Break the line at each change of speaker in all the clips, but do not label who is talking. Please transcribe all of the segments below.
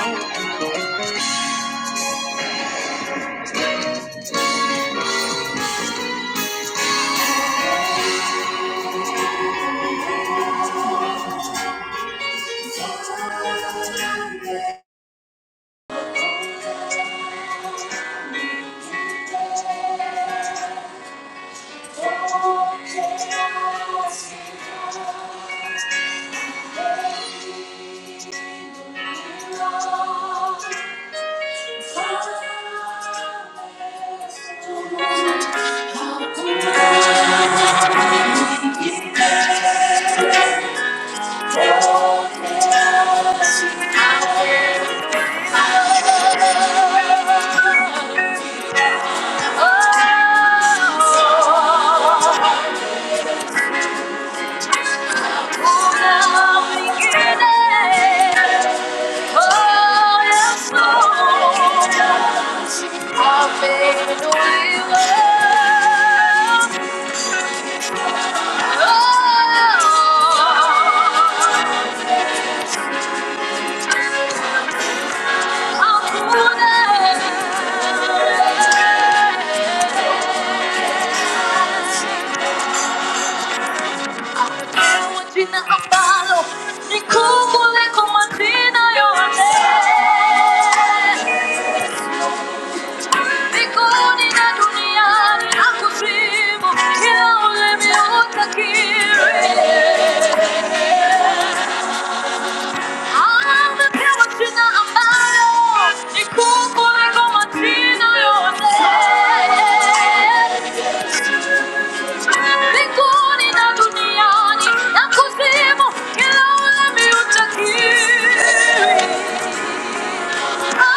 Oh, jina ambalo ni kuu kuliko majina yote. Mbinguni na duniani na kuzimu, kila ulimi utakiri. Amepewa jina ambalo ni kuu kuliko majina yote. Mbinguni na duniani na kuzimu, kila ulimi utakiri. Yeah.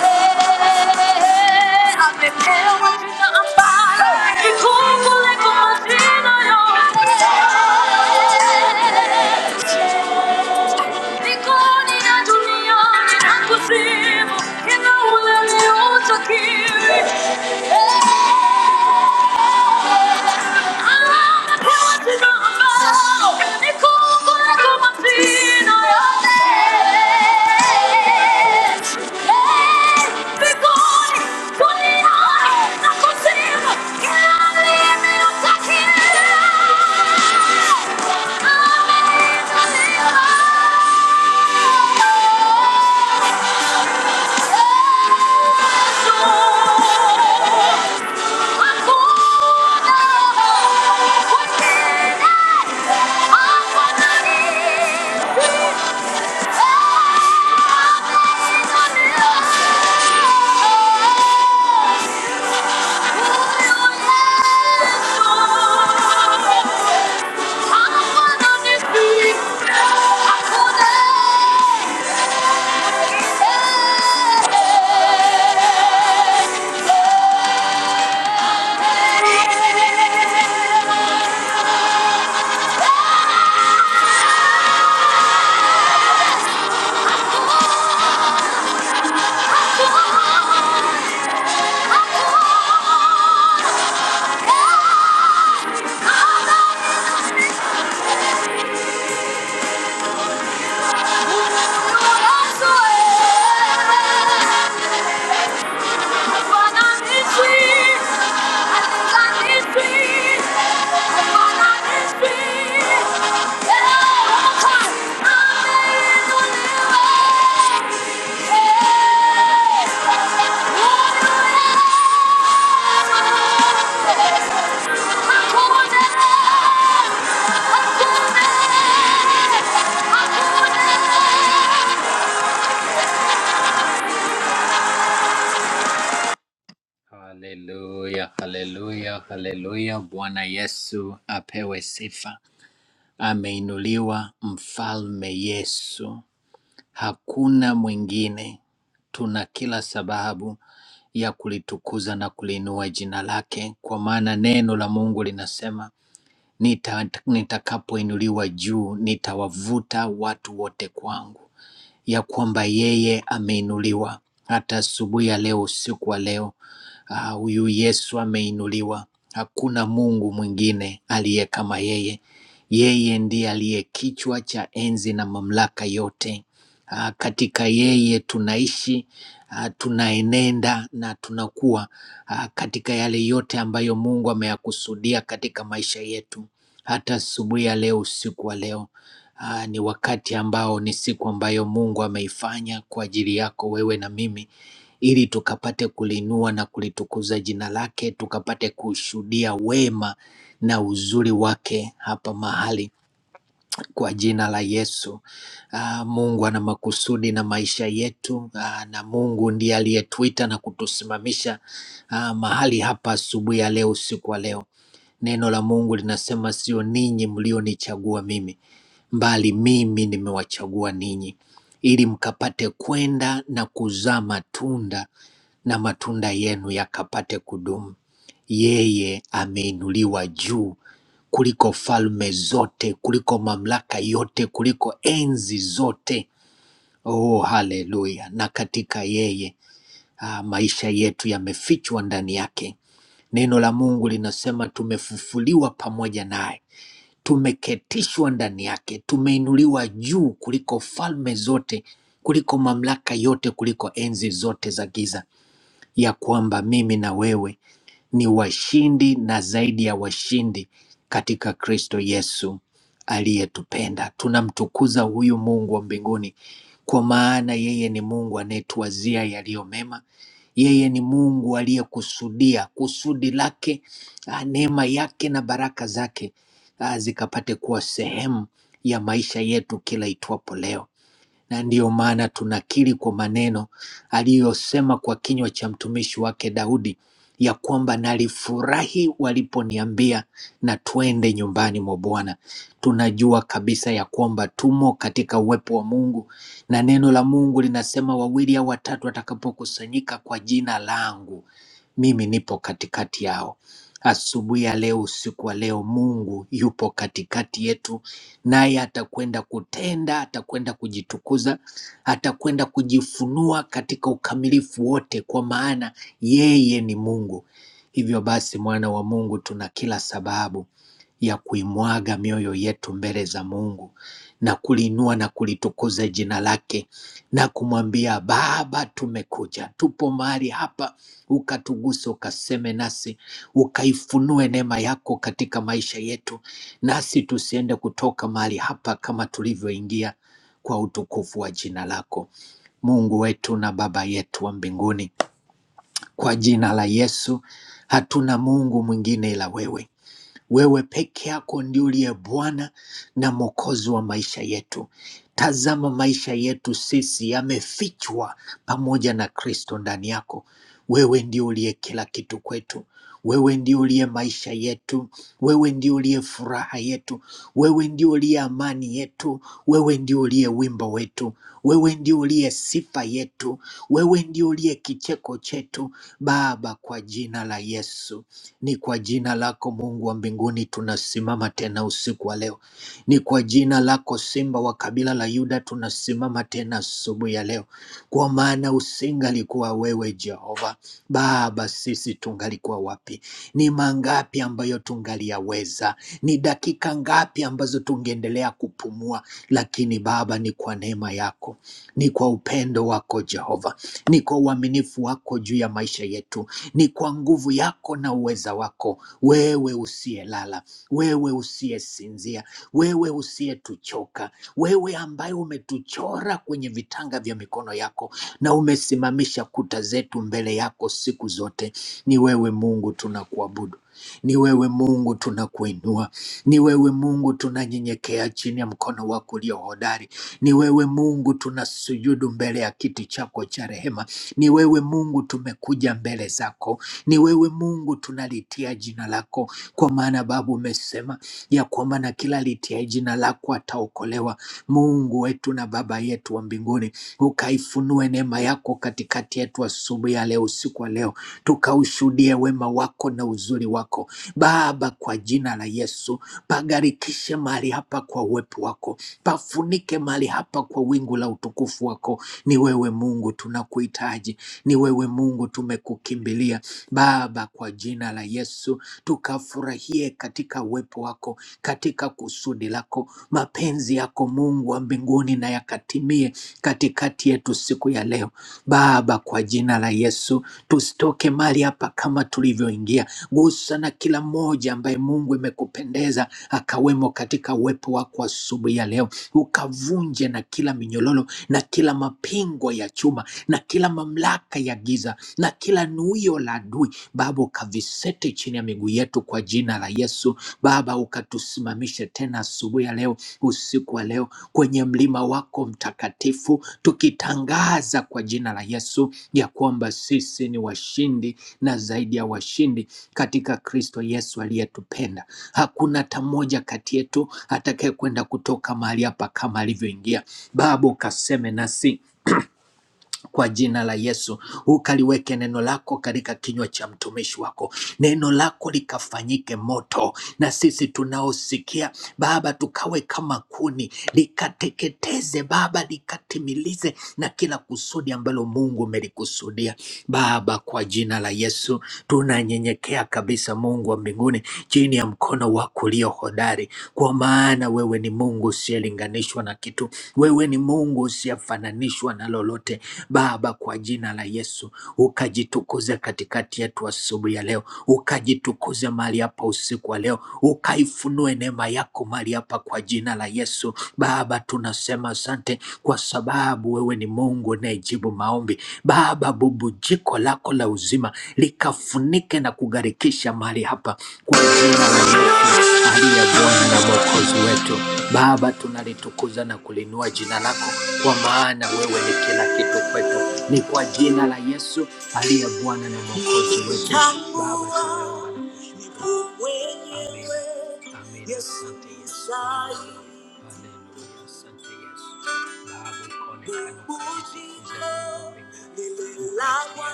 I'm Yeah. Nikoni ya duniani na kuzimu, kinaula liotakiri. Amepewa jina ambalo ni kuu kuliko majina yote. Mbinguni, duniani na kuzimu, kila ulimi utakiri. Ameitwa neema. Oh, Yeah!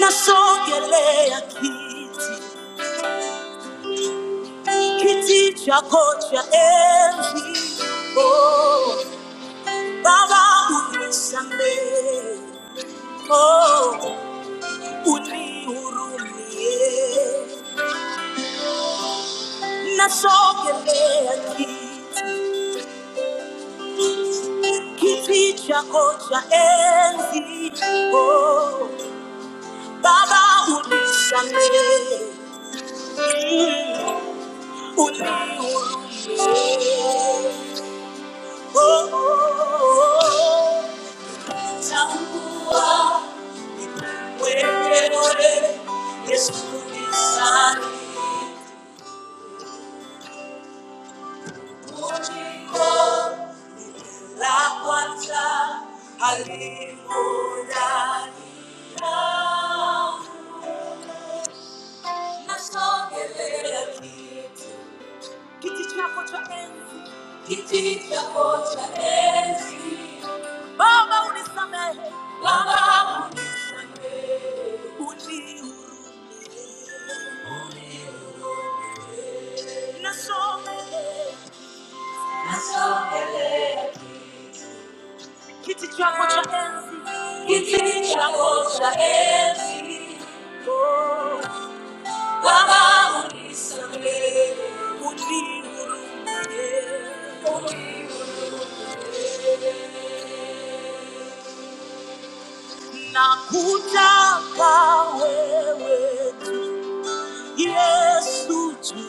nasongelea kiti kiti chako cha oh Baba unisamehe, oh, unihurumie, nasogelea kiti, kiti chako cha enzi, oh, Baba unisamehe, mm, unihurumie, oh, oh, oh. Tambua wewe, Yesu ni sani, uniko. la cuarta alegría. Nasongelea kitu. Kiti chako cha enzi. Kiti chako cha enzi. Baba unisamehe. Baba unisamehe. Nasongelea. Nasongelea kiti chako cha enzi. Kiti chako cha enzi. oh nakutaka wewe tu, Yesu tu,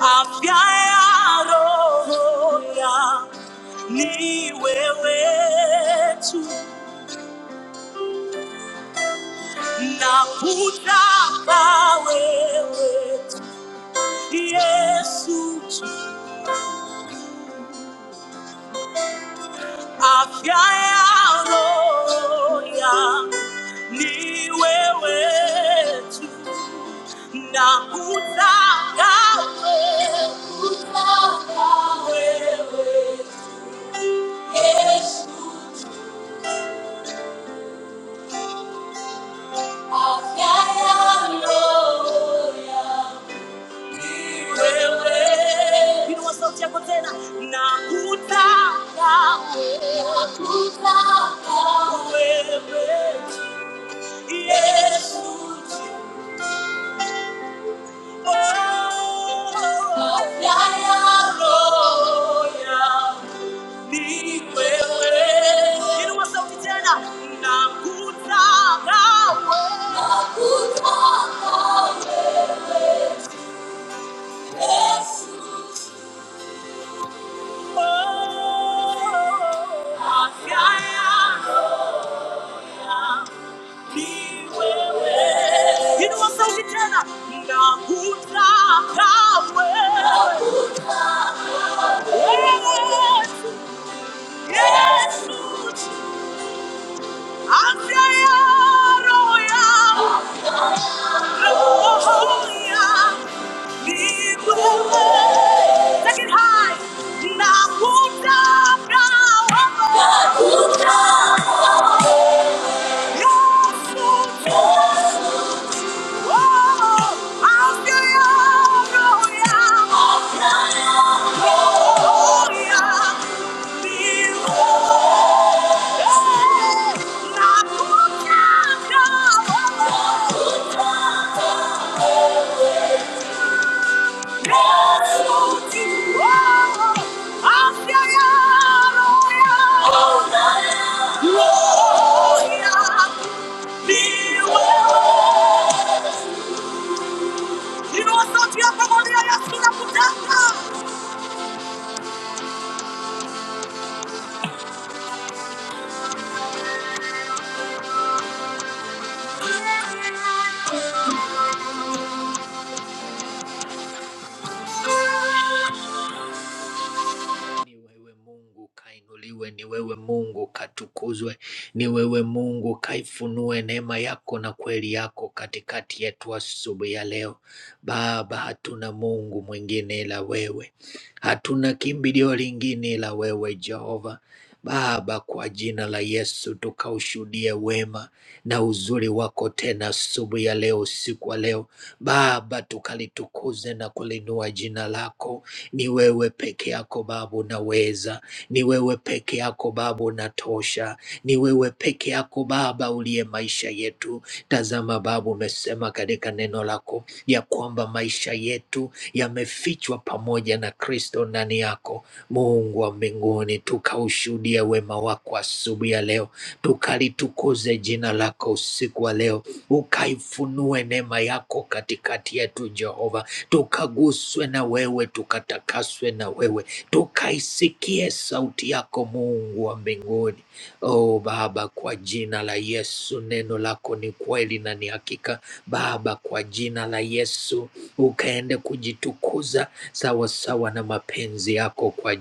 afya ya roho yangu ni wewe tu, nakutaka wewe tu, Yesu tu, afya ya roho yangu ni wewe tu na kutaka wewe, kutaka wewe Yesu, afya ya roho yangu. ya Wewe. Inua sauti yako tena na kutaka wewe, na kutaka wewe Yesu, oh, afya yangu ya roho Inua sauti tena. Nakutaka wewe. Oh, afya yangu niwe. Inua sauti tena. Nakutaka wewe. Yesu, Yesu, afya ya roho yangu. Oh,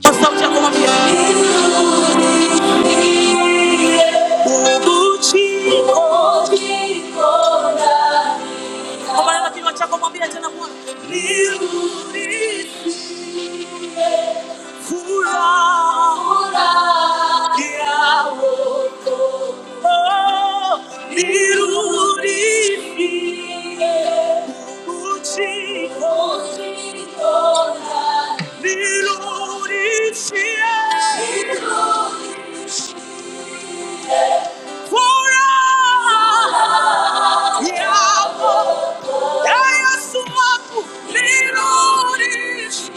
Kwa sauti ya kumwambia Ubuchi. Kwa maana kinywa chako mwambia tena Bwana. Fura que abortou, Lirurifique, Utico, Lirurifique, Fura que abortou. Dai a sua lerones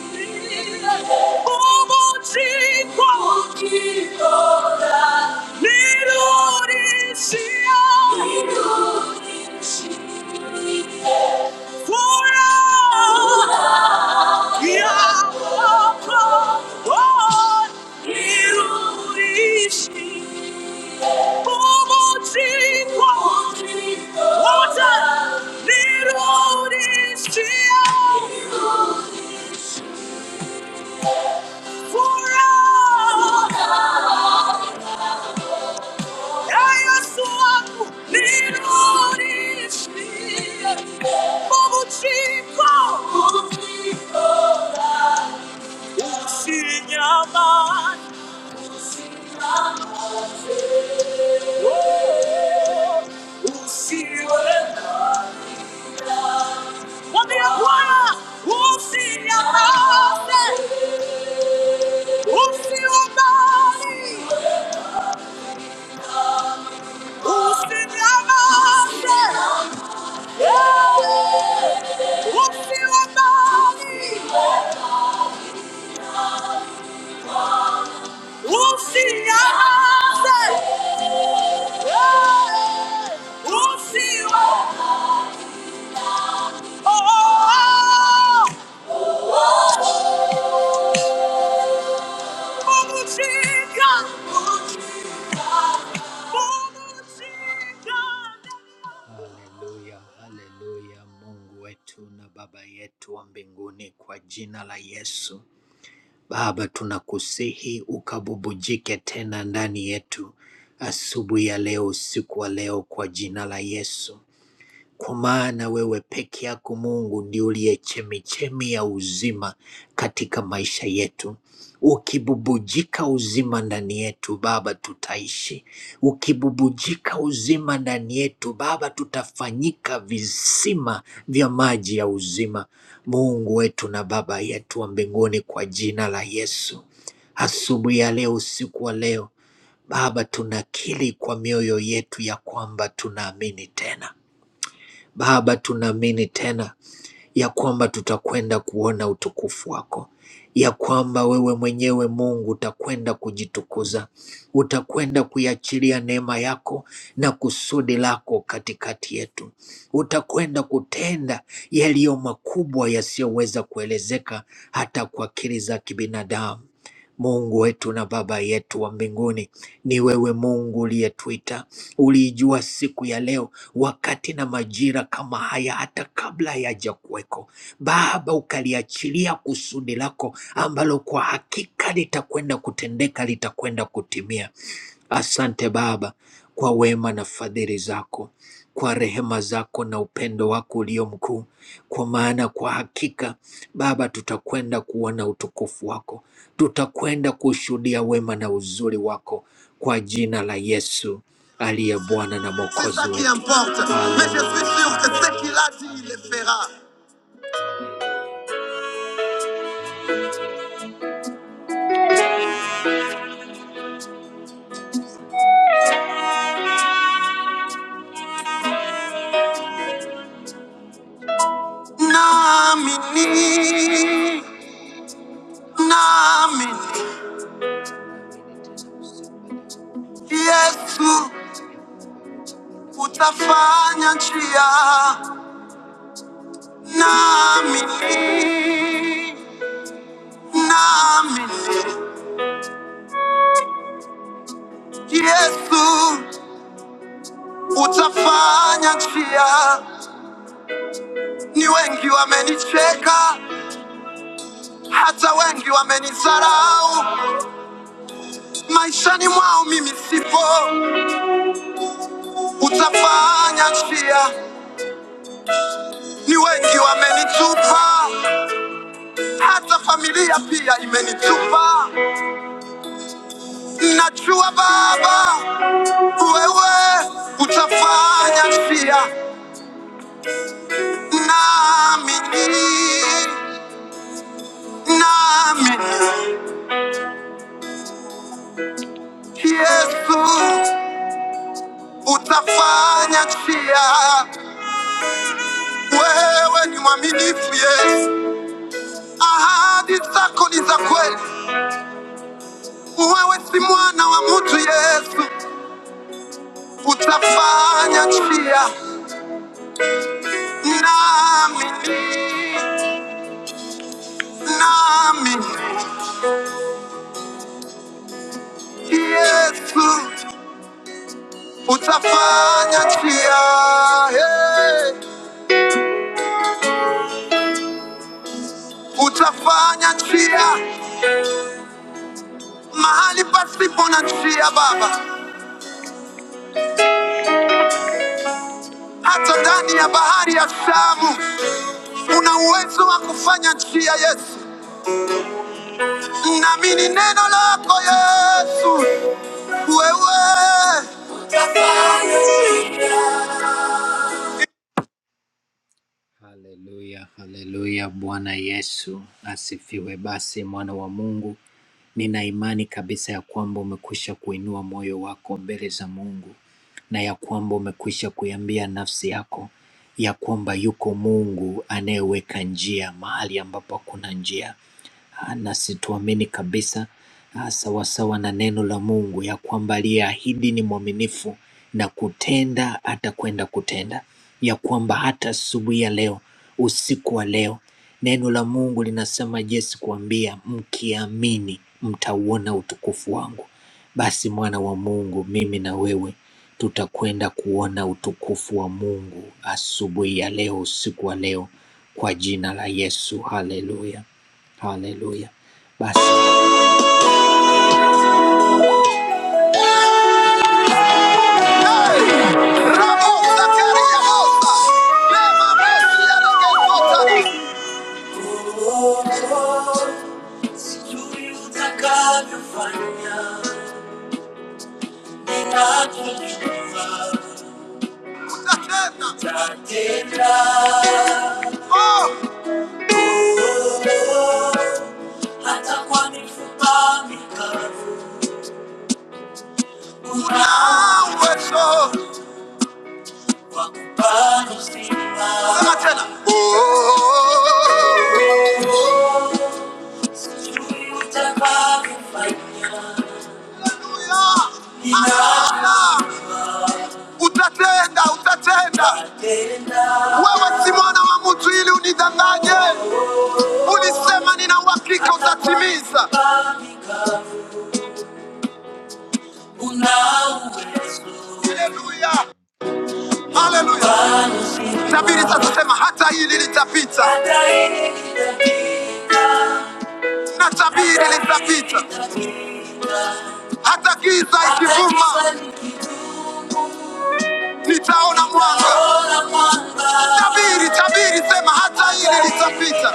Como te conquistará Lerones Lerones Fora Yeah, oh, oh, oh, Usinyama, usiwe Poderia voar, o se amasse, o se amare, o se amasse, eh, o se amare, o se amasse, eh, o se amasse. C'est wetu. C'est ça qui importe. Mais je Hallelujah. suis sûr que ce qu'il a dit, il le fera. Naamini, naamini Yesu utafanya njia. Naamini, naamini Yesu, utafanya njia. Ni wengi wamenicheka, hata wengi wamenizarau maishani mwao, mimi sipo. Utafanya njia. Ni wengi wamenitupa, hata familia pia imenitupa. Najua Baba, wewe utafanya njia, naamini, naamini Yesu utafanya chia. Wewe ni mwaminifu Yesu, ahadi zako ni za kweli. Wewe si mwana wa mtu Yesu, utafanya chia. Naamini, naamini Yesu, utafanya chia. Hey, utafanya chia mahali pasipo na chia Baba, hata ndani ya bahari ya Shamu Una uwezo wa kufanya njia, Yesu. Naamini neno lako Yesu. Wewe Rabo Zakaria Mosa, Lema Mesi ya Nogezota. Sijui utakavyofanya, ninachojua utatenda. Hata kwa mifupa mikavu, una uwezo Wakubali uzima. Sema tena. Oh, oh, oh, oh. sijui utakavyofanya. Haleluya. Utatenda, utatenda. Utatenda. Wewe si mwana wa mtu ili unidanganye. Ulisema nina uhakika utatimiza. Haleluya. Haleluya! Nabii sasema hata hili litapita, Hata hili litapita. na tabiri litapita, hata giza ikivuma, Nitaona mwanga. Tabiri, tabiri, sema hata hili litapita.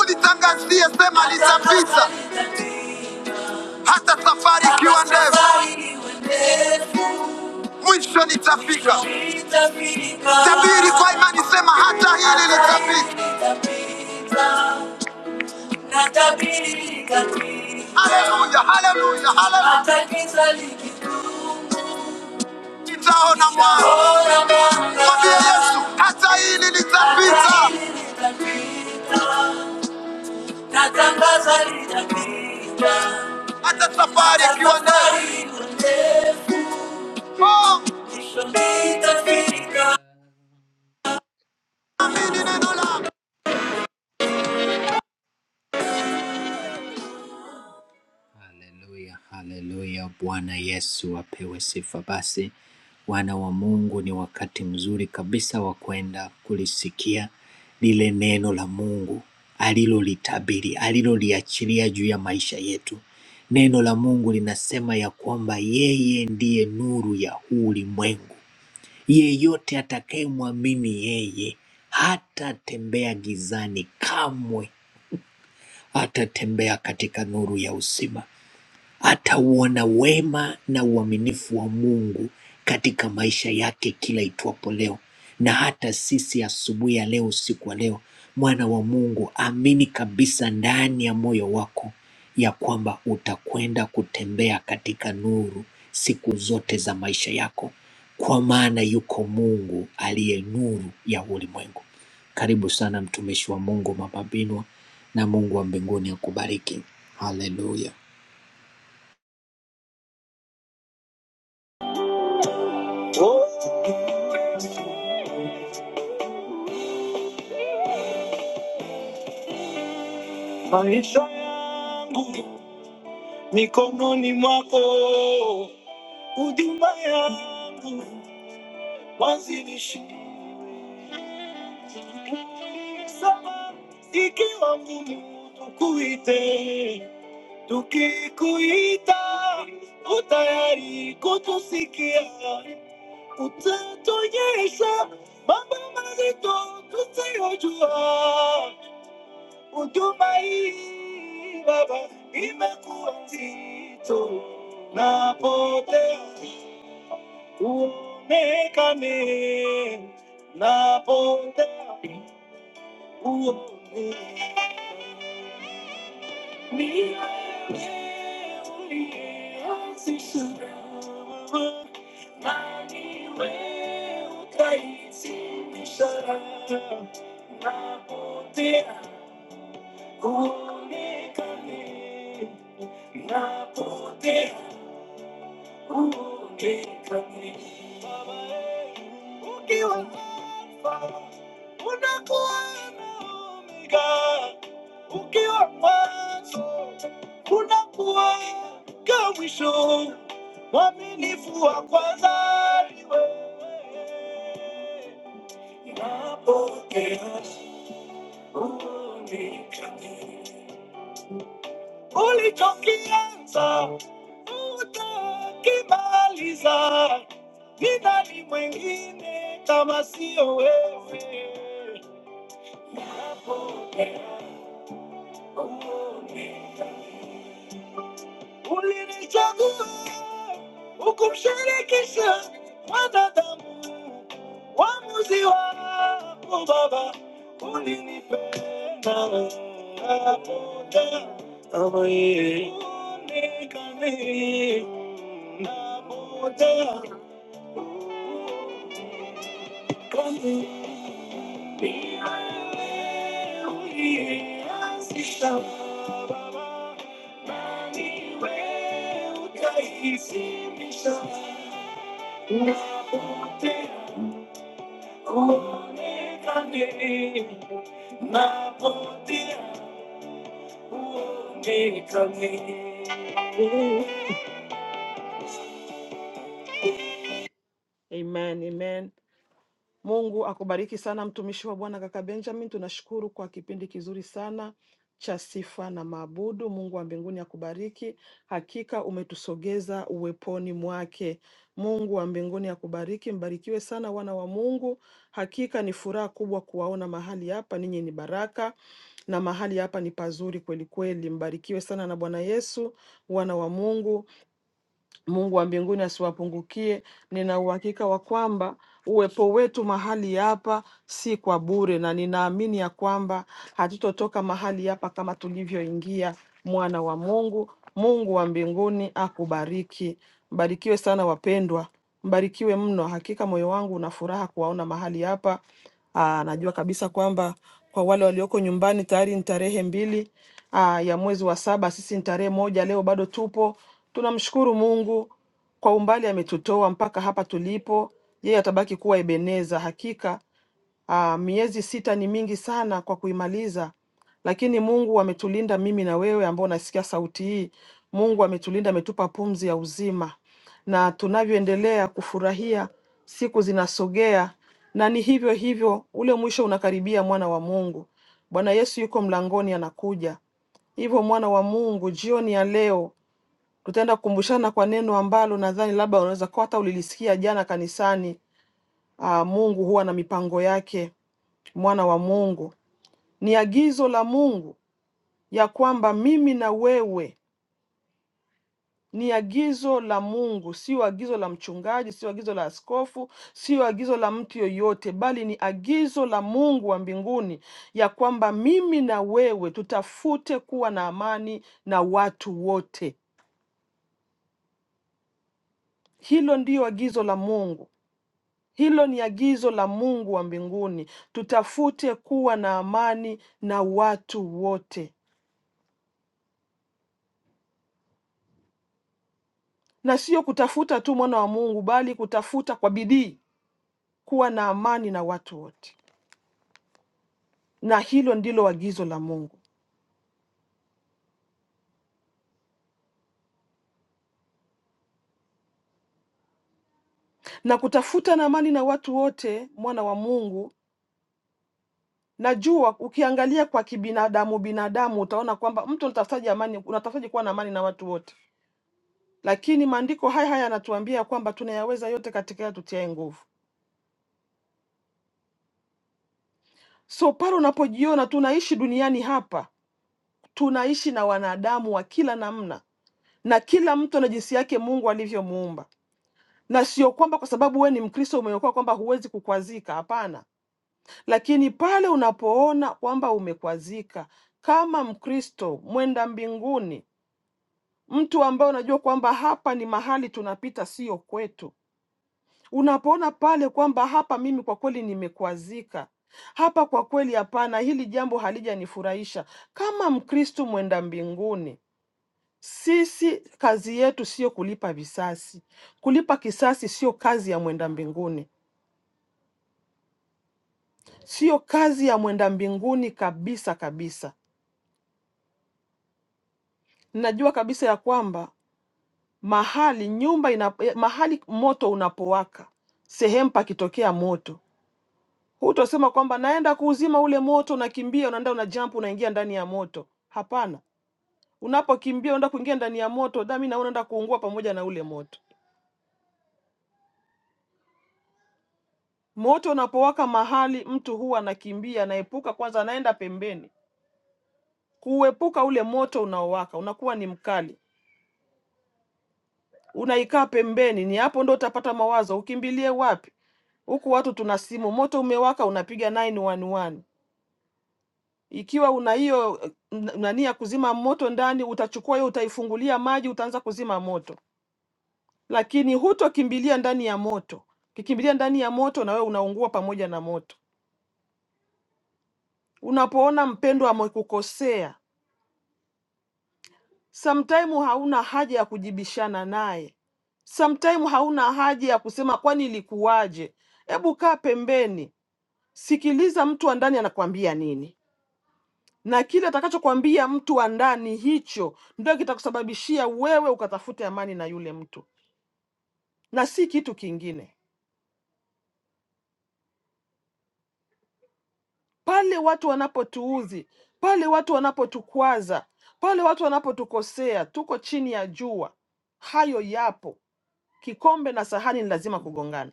Ulitangazie, sema litapita, hata safari ikiwa ndefu, mwisho nitafika. Tabiri kwa imani, sema hata hili litapita. Haleluya, haleluya, haleluya. Nitaona mwanga. Mwambie Yesu, hata hili litapita. Natangaza litapita. Hata safari ikiwa ndefu. Oh. nishonita fika.
Roho yangu mikononi mwako, huduma yangu wazinishie sana, ikiwa ngumu tukuite, tukikuita utayari kutusikia, utatuonyesha mambo mazito tusiyojua. Huduma hii Baba imekuwa nzito, napotea Umeweka mimi napona, uone ni wewe Mani we ni wewe utaitimisha. Napotea, uone kama napotea. ukiwa alfa unakuwa na omega ukiwa mwanzo unakuwa ka mwisho mwaminifu wa kwanza ni wewe napokea uoni kamili ulichokianza utakimaliza. Ni nani mwingine kama sio wewe? Napokea umoja. Ulini Ulinichagua ukumshirikisha mwanadamu, uamuzi wako Baba, ulinipenda napotea kama yeye, unikamili napotea Amen, amen. Mungu akubariki sana mtumishi wa Bwana kaka Benjamin. Tunashukuru kwa kipindi kizuri sana cha sifa na maabudu. Mungu wa mbinguni akubariki, hakika umetusogeza uweponi mwake. Mungu wa mbinguni akubariki, mbarikiwe sana wana wa Mungu. Hakika ni furaha kubwa kuwaona mahali hapa, ninyi ni baraka na mahali hapa ni pazuri kweli kweli. Mbarikiwe sana na Bwana Yesu, wana wa Mungu. Mungu wa mbinguni asiwapungukie. Nina uhakika wa kwamba uwepo wetu mahali hapa si kwa bure, na ninaamini ya kwamba hatutotoka mahali hapa kama tulivyoingia. Mwana wa Mungu, Mungu wa mbinguni akubariki. Mbarikiwe sana wapendwa, mbarikiwe mno. Hakika moyo wangu una furaha kuwaona mahali hapa. Aa, najua kabisa kwamba kwa wale walioko nyumbani tayari ni tarehe mbili aa, ya mwezi wa saba, sisi ni tarehe moja. Leo bado tupo, tunamshukuru Mungu kwa umbali ametutoa mpaka hapa tulipo. Yeye atabaki kuwa Ebeneza, hakika Aa, miezi sita ni mingi sana kwa kuimaliza, lakini Mungu ametulinda mimi na wewe ambao unasikia sauti hii. Mungu ametulinda, ametupa pumzi ya uzima, na tunavyoendelea kufurahia, siku zinasogea na ni hivyo hivyo, ule mwisho unakaribia, mwana wa Mungu. Bwana Yesu yuko mlangoni, anakuja. Hivyo mwana wa Mungu, jioni ya leo tutaenda kukumbushana kwa neno ambalo nadhani labda unaweza kuwa hata ulilisikia jana kanisani. Aa, Mungu huwa na mipango yake mwana wa Mungu. Ni agizo la Mungu ya kwamba mimi na wewe, ni agizo la Mungu, sio agizo la mchungaji, sio agizo la askofu, sio agizo la mtu yoyote, bali ni agizo la Mungu wa mbinguni ya kwamba mimi na wewe tutafute kuwa na amani na watu wote. Hilo ndiyo agizo la Mungu. Hilo ni agizo la Mungu wa mbinguni, tutafute kuwa na amani na watu wote. na sio kutafuta tu mwana wa Mungu, bali kutafuta kwa bidii kuwa na amani na watu wote, na hilo ndilo agizo la Mungu. Na kutafuta na amani na watu wote, mwana wa Mungu, najua ukiangalia kwa kibinadamu binadamu utaona kwamba mtu unatafutaje amani, unatafutaje kuwa na amani na watu wote, lakini maandiko haya haya yanatuambia kwamba tunayaweza yote katika yeye tutiaye nguvu. So pale unapojiona tunaishi duniani hapa, tunaishi na wanadamu wa kila namna, na kila mtu ana jinsi yake Mungu alivyomuumba na sio kwamba kwa sababu wewe ni Mkristo umeokoka kwamba huwezi kukwazika. Hapana, lakini pale unapoona kwamba umekwazika kama Mkristo mwenda mbinguni, mtu ambaye unajua kwamba hapa ni mahali tunapita, sio kwetu, unapoona pale kwamba hapa mimi kwa kweli nimekwazika hapa, kwa kweli hapana, hili jambo halijanifurahisha. Kama Mkristo mwenda mbinguni, sisi kazi yetu sio kulipa visasi. Kulipa kisasi sio kazi ya mwenda mbinguni Sio kazi ya mwenda mbinguni kabisa kabisa. Ninajua kabisa ya kwamba mahali nyumba ina, eh, mahali moto unapowaka, sehemu pakitokea moto, hutosema kwamba naenda kuuzima ule moto, unakimbia unaenda una jump unaingia ndani ya moto. Hapana, unapokimbia unaenda kuingia ndani ya moto, dami na wewe unaenda kuungua pamoja na ule moto. Moto unapowaka mahali, mtu huwa anakimbia, anaepuka kwanza, anaenda pembeni kuuepuka ule moto unaowaka, unakuwa ni mkali. unaikaa pembeni, ni hapo ndo utapata mawazo, ukimbilie wapi? Huku watu tuna simu, moto umewaka, unapiga 911. Ikiwa una hiyo eh, n- nani ya kuzima moto ndani, utachukua hiyo, utaifungulia maji, utaanza kuzima moto, lakini hutokimbilia ndani ya moto. Ukikimbilia ndani ya moto, na wewe unaungua pamoja na moto. Unapoona mpendwa amekukosea, sometime hauna haja ya kujibishana naye, sometime hauna haja ya kusema kwani ilikuwaje. Hebu kaa pembeni, Sikiliza mtu wa ndani anakuambia nini, na kile atakachokwambia mtu wa ndani, hicho ndio kitakusababishia wewe ukatafute amani na yule mtu, na si kitu kingine. Pale watu wanapotuudhi, pale watu wanapotukwaza, pale watu wanapotukosea, tuko chini ya jua, hayo yapo. Kikombe na sahani ni lazima kugongana,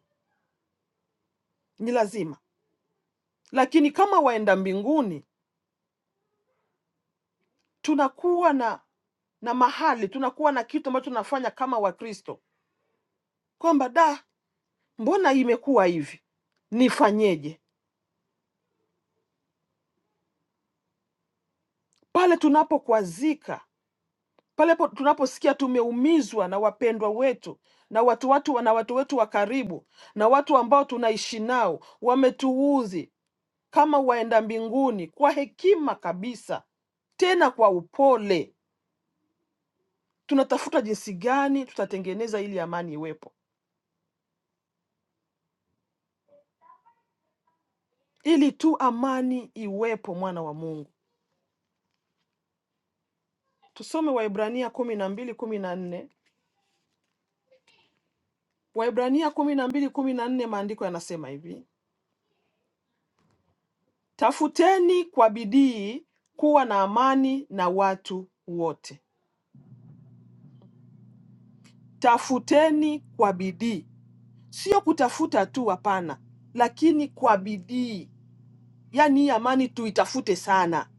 ni lazima. Lakini kama waenda mbinguni, tunakuwa na na mahali, tunakuwa na kitu ambacho tunafanya kama Wakristo kwamba da mbona imekuwa hivi, nifanyeje? Pale tunapokwazika, pale po- tunaposikia tumeumizwa na wapendwa wetu na watu watu na watu wetu wa karibu na watu ambao tunaishi nao wametuudhi, kama waenda mbinguni, kwa hekima kabisa, tena kwa upole, tunatafuta jinsi gani tutatengeneza ili amani iwepo, ili tu amani iwepo, mwana wa Mungu. Tusome Waibrania kumi na mbili kumi na nne Waebrania kumi na mbili kumi na nne maandiko yanasema hivi, tafuteni kwa bidii kuwa na amani na watu wote. Tafuteni kwa bidii, sio kutafuta tu, hapana, lakini kwa bidii. Yaani hii amani tuitafute sana.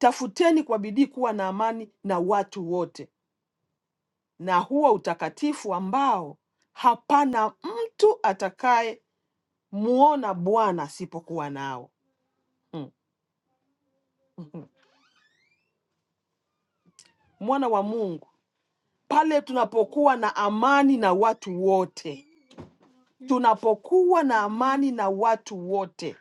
Tafuteni kwa bidii kuwa na amani na watu wote, na huo utakatifu ambao hapana mtu atakaye muona Bwana asipokuwa nao. Mm, mm, mm. Mwana wa Mungu pale tunapokuwa na amani na watu wote, tunapokuwa na amani na watu wote,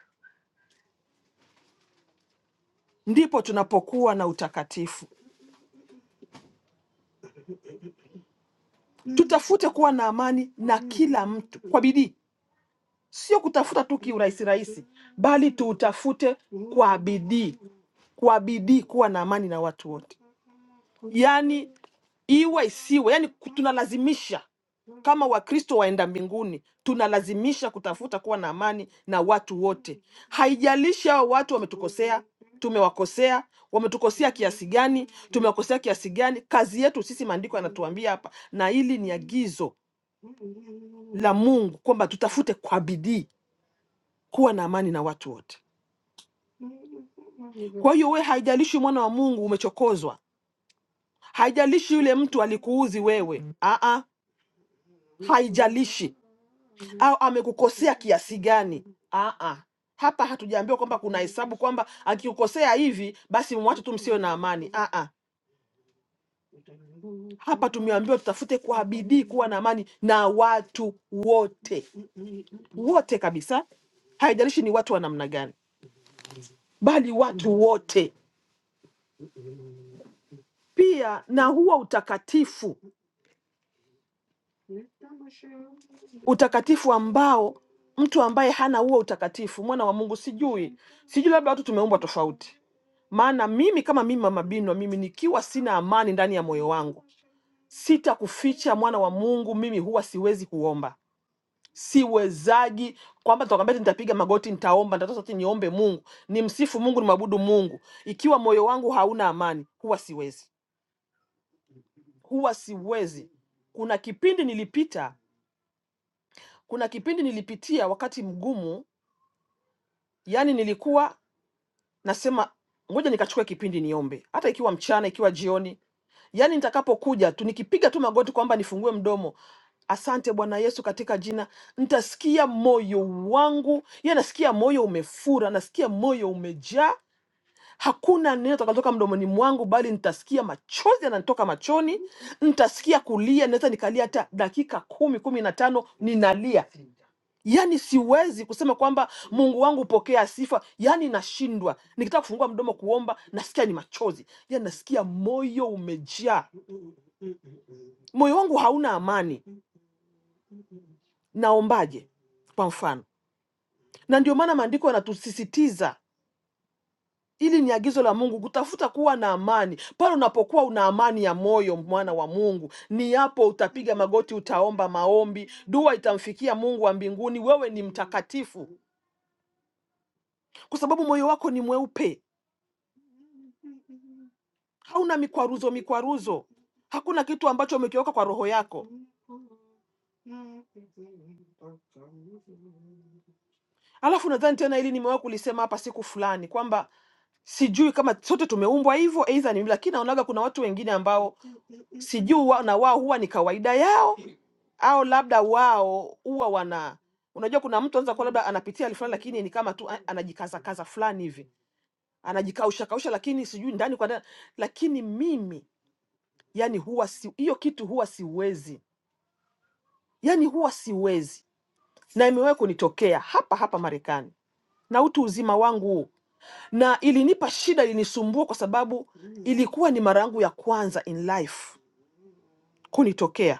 ndipo tunapokuwa na utakatifu. Tutafute kuwa na amani na kila mtu kwa bidii, sio kutafuta tu kiurahisi rahisi, bali tuutafute kwa bidii, kwa bidii kuwa na amani na watu wote. yani iwe isiwe, yani tunalazimisha kama Wakristo waenda mbinguni, tunalazimisha kutafuta kuwa na amani na watu wote. Haijalishi hao watu wametukosea, tumewakosea, wametukosea kiasi gani, tumewakosea kiasi gani. Kazi yetu sisi, maandiko yanatuambia hapa, na hili ni agizo la Mungu kwamba tutafute kwa bidii kuwa na amani na watu wote. Kwa hiyo we, haijalishi mwana wa Mungu umechokozwa, haijalishi yule mtu alikuuzi wewe, aa, haijalishi au amekukosea kiasi gani. Aa, hapa hatujaambiwa kwamba kuna hesabu kwamba akikukosea hivi basi mwache tu, msiwe na amani. Aa, hapa tumeambiwa tutafute kwa bidii kuwa na amani na watu wote, wote kabisa, haijalishi ni watu wa namna gani, bali watu wote. Pia na huo utakatifu utakatifu ambao mtu ambaye hana huo utakatifu mwana wa Mungu, sijui sijui, labda watu tumeumbwa tofauti. Maana mimi kama mimi mama Binwa, mimi nikiwa sina amani ndani ya moyo wangu, sitakuficha mwana wa Mungu, mimi huwa siwezi kuomba, siwezaji kwamba tukaambia eti nitapiga magoti, nitaomba, nitatoa sauti, niombe Mungu, nimsifu Mungu, nimwabudu Mungu. Ikiwa moyo wangu hauna amani, huwa siwezi, huwa siwezi. Kuna kipindi nilipita, kuna kipindi nilipitia wakati mgumu Yaani nilikuwa nasema ngoja nikachukue kipindi niombe, hata ikiwa mchana, ikiwa jioni, yaani nitakapokuja tu nikipiga tu magoti kwamba nifungue mdomo, asante Bwana Yesu, katika jina nitasikia moyo wangu, yaani nasikia moyo umefura, nasikia moyo umejaa hakuna neno takalotoka mdomoni mwangu, bali nitasikia machozi yananitoka machoni, nitasikia kulia, naweza nikalia hata dakika kumi kumi na tano ninalia. Yaani siwezi kusema kwamba Mungu wangu pokea sifa, yaani nashindwa. Nikitaka kufungua mdomo kuomba, nasikia ni machozi, yaani nasikia moyo umejaa, moyo wangu hauna amani, naombaje? Kwa mfano, na ndio maana maandiko yanatusisitiza Hili ni agizo la Mungu, kutafuta kuwa na amani. Pale unapokuwa una amani ya moyo, mwana wa Mungu, ni hapo utapiga magoti, utaomba maombi, dua itamfikia Mungu wa mbinguni. Wewe ni mtakatifu kwa sababu moyo wako ni mweupe, hauna mikwaruzo mikwaruzo, hakuna kitu ambacho umekiweka kwa roho yako. Alafu nadhani tena hili nimewahi kulisema hapa siku fulani kwamba sijui kama sote tumeumbwa hivyo aidha ni lakini naonaga kuna watu wengine ambao sijui wa, na wao huwa ni kawaida yao au labda wao huwa wana unajua kuna mtu anaweza kuwa labda anapitia hali fulani lakini ni kama tu a- anajikazakaza fulani hivi anajikausha kausha lakini sijui ndani kwa ndani lakini mimi yani huwa si hiyo kitu huwa siwezi yani huwa siwezi na imewahi kunitokea hapa hapa Marekani na utu uzima wangu huu na ilinipa shida, ilinisumbua kwa sababu ilikuwa ni mara yangu ya kwanza in life kunitokea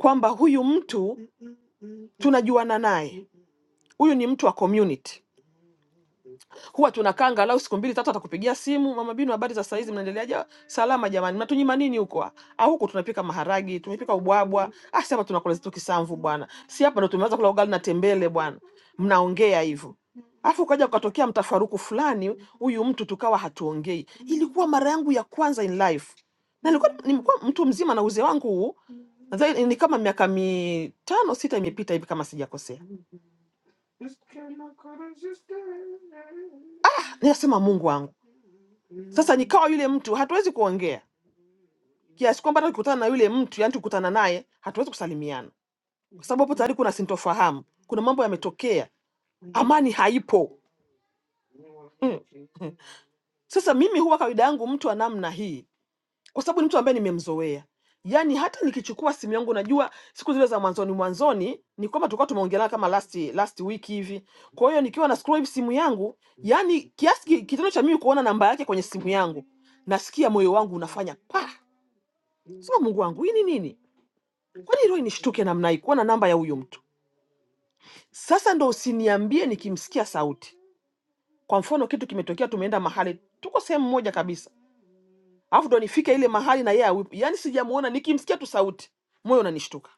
kwamba huyu mtu tunajuana naye, huyu ni mtu wa community huwa tunakaa angalau siku mbili tatu, atakupigia simu, mama Binu, habari za saizi, mnaendeleaje? Salama jamani, mnatunyima nini huko? ah? Ah, huko tunapika maharagi, tumepika ubwabwa, ah, si hapa tunakula zetu kisamvu bwana, si hapa ndo tumeanza kula ugali na tembele bwana. Mnaongea hivyo afu ukaja ukatokea mtafaruku fulani, huyu mtu tukawa hatuongei. Ilikuwa mara yangu ya kwanza in life, na nilikuwa nimekuwa mtu mzima na uzee wangu huu nadhani ni kama miaka mitano sita imepita hivi kama sijakosea. Nikasema Mungu wangu, sasa nikawa yule mtu hatuwezi kuongea kiasi kwamba hata ukikutana na yule mtu yani tukutana naye hatuwezi kusalimiana, kwa sababu hapo tayari kuna sintofahamu, kuna mambo yametokea, amani haipo mm. Sasa mimi huwa kawaida yangu mtu wa namna hii, kwa sababu ni mtu ambaye nimemzoea. Yaani hata nikichukua simu yangu, najua siku zile za mwanzoni mwanzoni ni kwamba tulikuwa tumeongelana kama last last week hivi. Kwa hiyo nikiwa na scroll hivi simu yangu, yani kiasi ki- kitendo cha mimi kuona namba yake kwenye simu yangu, nasikia moyo wangu unafanya pa, sema Mungu wangu hii ni nini? Kwani hilo inishtuke namna hii, kuwa na namba ya huyu mtu. Sasa ndo usiniambie nikimsikia sauti, kwa mfano kitu kimetokea, tumeenda mahali, tuko sehemu moja kabisa, alafu ndo nifike ile mahali na yeye awepo, yaani sijamuona, nikimsikia tu sauti moyo unanishtuka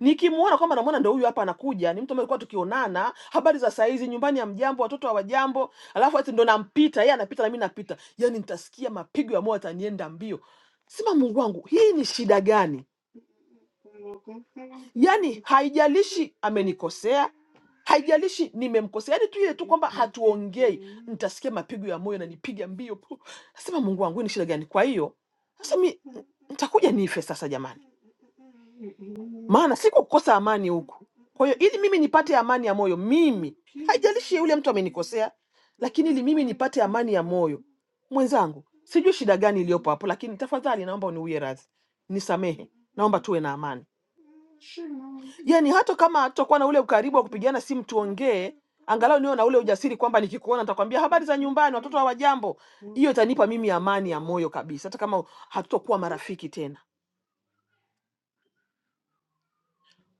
nikimuona kwamba namwona ndo huyu hapa anakuja, ni mtu ambaye alikuwa tukionana, habari za saizi, nyumbani hamjambo, watoto hawajambo, alafu ati ndo nampita yeye, anapita na mimi napita, yani nitasikia mapigo ya moyo, atanienda mbio. Sema Mungu wangu, hii ni shida gani? yani haijalishi amenikosea haijalishi nimemkosea yani tu ile tu kwamba hatuongei nitasikia mapigo ya moyo nanipiga mbio pu nasema mungu wangu hii ni shida gani kwa hiyo sasa mi nitakuja nife sasa jamani maana siko kukosa amani huku. Kwa hiyo ili mimi nipate amani ya moyo, mimi haijalishi yule mtu amenikosea, lakini ili mimi nipate amani ya moyo, mwenzangu, sijui shida gani iliyopo hapo, lakini tafadhali naomba uniwie radhi, nisamehe, naomba tuwe na amani. Yani hata kama tutakuwa na ule ukaribu wa kupigana simu, tuongee, angalau niwe na ule ujasiri kwamba nikikuona nitakwambia habari za nyumbani, watoto hawajambo. Hiyo itanipa mimi amani ya moyo kabisa, hata kama hatutakuwa marafiki tena.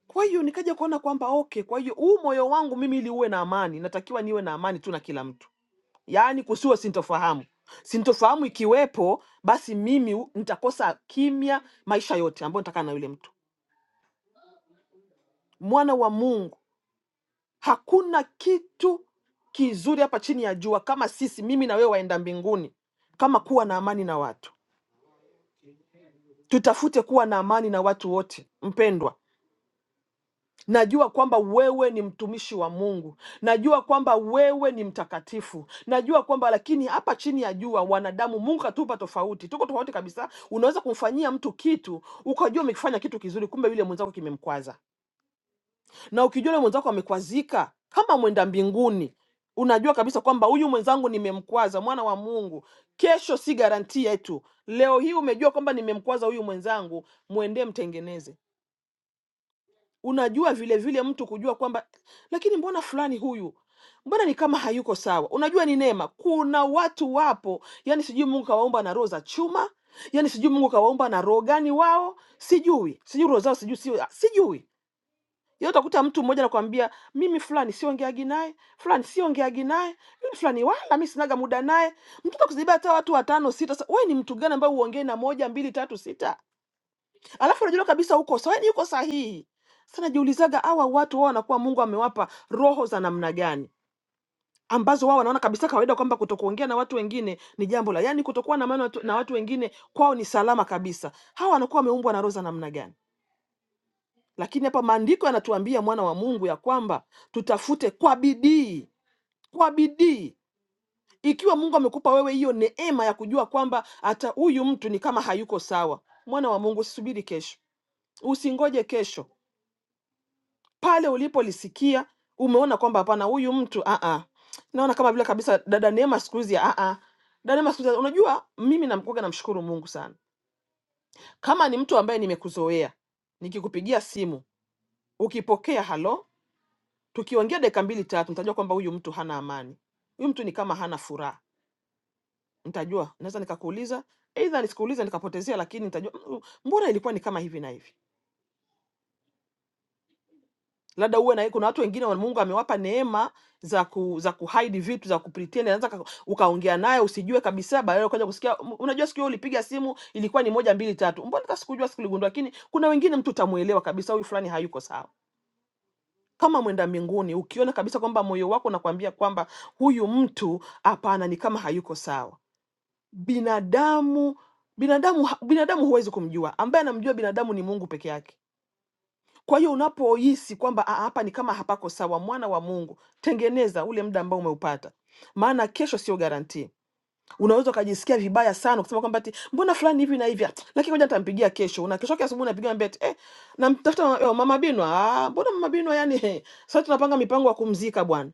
Kwa hiyo nikaja kuona kwamba okay, kwa hiyo huu moyo wangu mimi ili uwe na amani, natakiwa niwe na amani tu na kila mtu, yaani kusiwe sintofahamu. Sintofahamu ikiwepo, basi mimi u- nitakosa kimya maisha yote ambayo nitakaa na yule mtu. Mwana wa Mungu, hakuna kitu kizuri hapa chini ya jua kama sisi, mimi na wewe, waenda mbinguni, kama kuwa na amani na watu. Tutafute kuwa na amani na watu wote, mpendwa Najua kwamba wewe ni mtumishi wa Mungu, najua kwamba wewe ni mtakatifu, najua kwamba lakini hapa chini ya jua wanadamu, Mungu katupa tofauti, tuko tofauti kabisa. Unaweza kumfanyia mtu kitu ukajua umekifanya kitu kizuri, kumbe yule mwenzako kimemkwaza, na ukijua yule mwenzako amekwazika, kama mwenda mbinguni, unajua kabisa kwamba huyu mwenzangu nimemkwaza. Mwana wa Mungu, kesho si garanti yetu. Leo hii umejua kwamba nimemkwaza huyu mwenzangu, mwendee mtengeneze unajua vile vile mtu kujua kwamba lakini mbona fulani huyu mbona ni kama hayuko sawa unajua ni neema kuna watu wapo yani sijui mungu kawaumba na roho za chuma yani sijui mungu kawaumba na roho gani wao sijui sijui roho zao sijui sijui, sijui. Yaani utakuta mtu mmoja anakuambia mimi fulani siongeagi naye fulani siongeagi naye mimi fulani wala mi sinaga muda naye mtoto kuzibia hata watu watano sita sa- wewe ni mtu gani ambaye uongee na moja mbili tatu sita alafu unajua kabisa uko sawa, yaani uko sahihi. Sasa najiulizaga hawa watu wao wanakuwa Mungu amewapa roho za namna gani ambazo wao wanaona kabisa kawaida kwamba kutokuongea na watu wengine ni jambo la, yaani kutokuwa na maana watu- na watu wengine kwao ni salama kabisa. Hawa wanakuwa wameumbwa na roho za namna gani? Lakini hapa maandiko yanatuambia mwana wa Mungu ya kwamba tutafute kwa bidii, kwa bidii ikiwa Mungu amekupa wewe hiyo neema ya kujua kwamba hata huyu mtu ni kama hayuko sawa. Mwana wa Mungu, usisubiri kesho, usingoje kesho pale ulipolisikia umeona kwamba hapana, huyu mtu ah ah, naona kama vile kabisa dada Neema siku hizi ah ah, dada Neema siku hizi. Unajua, mimi namkuaga, namshukuru Mungu sana kama ni mtu ambaye nimekuzoea, nikikupigia simu ukipokea halo, tukiongea dakika mbili tatu, nitajua kwamba huyu mtu hana amani, huyu mtu ni kama hana furaha, nitajua. Naweza nikakuuliza, aidha nisikuuliza nikapotezea, lakini nitajua "Mm, mbona ilikuwa ni kama hivi na hivi labda uwe na kuna watu wengine wa- Mungu amewapa neema za ku, za kuhide vitu za kupretend, anaweza ka- ukaongea naye usijue kabisa, baadaye ukaja kusikia "M- unajua, siku hiyo ulipiga simu ilikuwa ni moja mbili tatu, mbona hata sikujua, sikuligundua. Lakini kuna wengine mtu utamuelewa kabisa, huyu fulani hayuko sawa. Kama mwenda mbinguni, ukiona kabisa kwamba moyo wako unakwambia kwamba huyu mtu hapana, ni kama hayuko sawa. Binadamu binadamu ha- binadamu huwezi kumjua, ambaye anamjua binadamu ni Mungu peke yake kwa hiyo unapohisi kwamba "Ah, hapa ni kama hapako sawa, mwana wa Mungu, tengeneza ule muda ambao umeupata, maana kesho sio garantii. Unaweza ukajisikia vibaya sana kusema kwamba ati mbona fulani hivi na hivi, ah, lakini ngoja nitampigia kesho. Na kesho yake asubuhi unapigia mbete eh, namtafuta mama eh, Mama Binwa. Ah, mbona Mama Binwa yani eh, sasa tunapanga mipango ya kumzika bwana.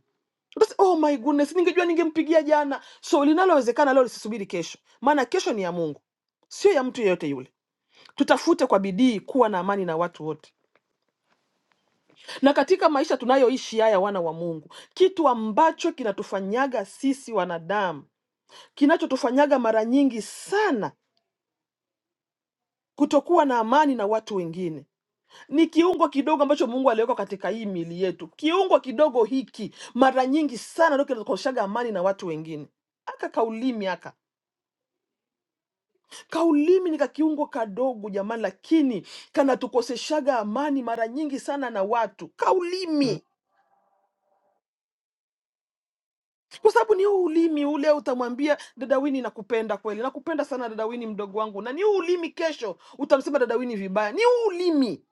Utas- Oh my goodness, ningejua ningempigia jana. So linalowezekana leo lisisubiri kesho, maana kesho ni ya Mungu, sio ya mtu yeyote yule. Tutafute kwa bidii kuwa na amani na watu wote na katika maisha tunayoishi haya, wana wa Mungu, kitu ambacho kinatufanyaga sisi wanadamu, kinachotufanyaga mara nyingi sana kutokuwa na amani na watu wengine, ni kiungo kidogo ambacho Mungu aliweka katika hii miili yetu. Kiungo kidogo hiki mara nyingi sana ndio kinakoshaga amani na watu wengine. Aka kaulimi aka kaulimi ni kakiungo kadogo jamani, lakini kanatukoseshaga amani mara nyingi sana na watu. Kaulimi kwa sababu ni huu ulimi ule utamwambia dada Wini nakupenda kweli, nakupenda sana dada Wini, mdogo wangu, na ni huu ulimi kesho utamsema dada Wini vibaya. Ni huu ulimi,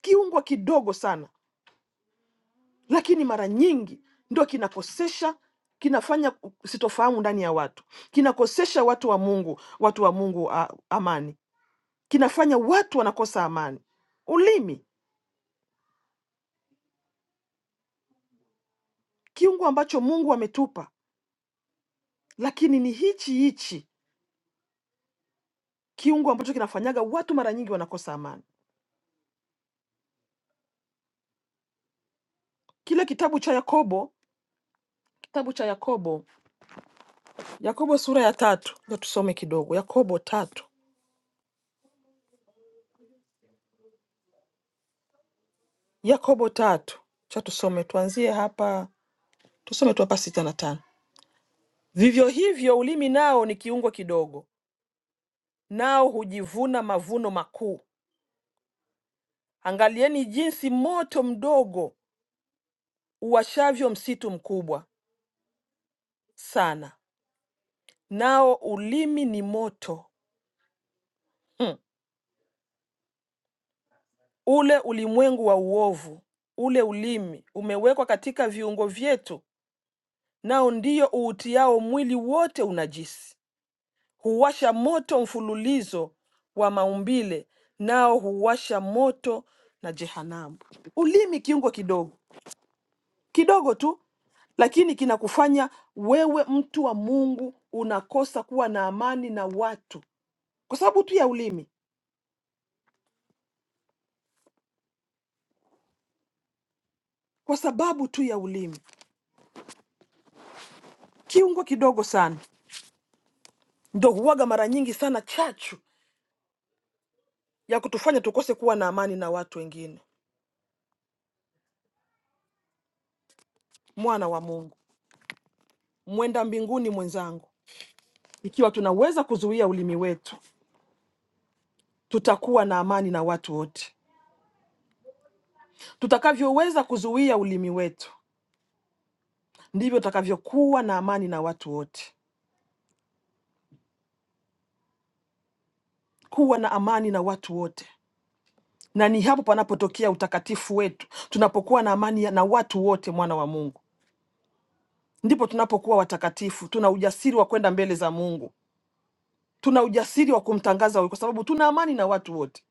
kiungwa kidogo sana, lakini mara nyingi ndo kinakosesha kinafanya sitofahamu ndani ya watu, kinakosesha watu wa Mungu, watu wa Mungu a, amani, kinafanya watu wanakosa amani. Ulimi kiungo ambacho Mungu ametupa, lakini ni hichi hichi kiungo ambacho kinafanyaga watu mara nyingi wanakosa amani. Kile kitabu cha Yakobo Kitabu cha Yakobo, Yakobo sura ya tatu, ndio tusome kidogo. Yakobo tatu, Yakobo tatu, cha tusome, tuanzie hapa, tusome tu hapa sita na tano. Vivyo hivyo ulimi nao ni kiungo kidogo, nao hujivuna mavuno makuu. Angalieni jinsi moto mdogo uwashavyo msitu mkubwa sana, nao ulimi ni moto mm. Ule ulimwengu wa uovu, ule ulimi umewekwa katika viungo vyetu nao ndiyo uutiao mwili wote unajisi, huwasha moto mfululizo wa maumbile, nao huwasha moto na jehanamu. Ulimi kiungo kidogo kidogo tu, lakini kinakufanya wewe mtu wa Mungu unakosa kuwa na amani na watu kwa sababu tu ya ulimi, kwa sababu tu ya ulimi. Kiungo kidogo sana ndo huwaga mara nyingi sana chachu ya kutufanya tukose kuwa na amani na watu wengine. Mwana wa Mungu, mwenda mbinguni mwenzangu, ikiwa tunaweza kuzuia ulimi wetu, tutakuwa na amani na watu wote. Tutakavyoweza kuzuia ulimi wetu, ndivyo tutakavyokuwa na amani na watu wote, kuwa na amani na watu wote. Na ni hapo panapotokea utakatifu wetu, tunapokuwa na amani ya- na watu wote, mwana wa Mungu, ndipo tunapokuwa watakatifu. Tuna ujasiri wa kwenda mbele za Mungu, tuna ujasiri wa kumtangaza, kwa sababu tuna amani na watu wote.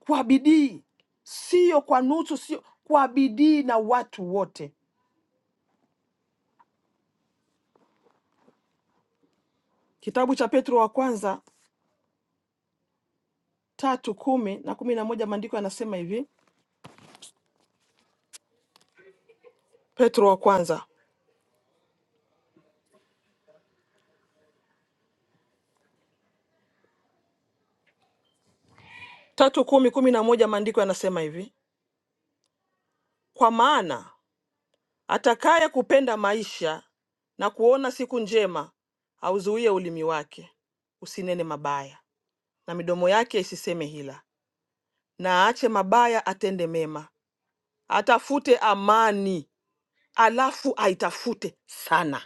kwa bidii, sio kwa nusu, sio kwa bidii na watu wote. Kitabu cha Petro wa kwanza tatu kumi na kumi na moja maandiko yanasema hivi. Petro wa kwanza tatu kumi kumi na moja maandiko yanasema hivi, kwa maana atakaye kupenda maisha na kuona siku njema auzuie ulimi wake usinene mabaya, na midomo yake isiseme hila, na aache mabaya, atende mema, atafute amani, alafu aitafute sana.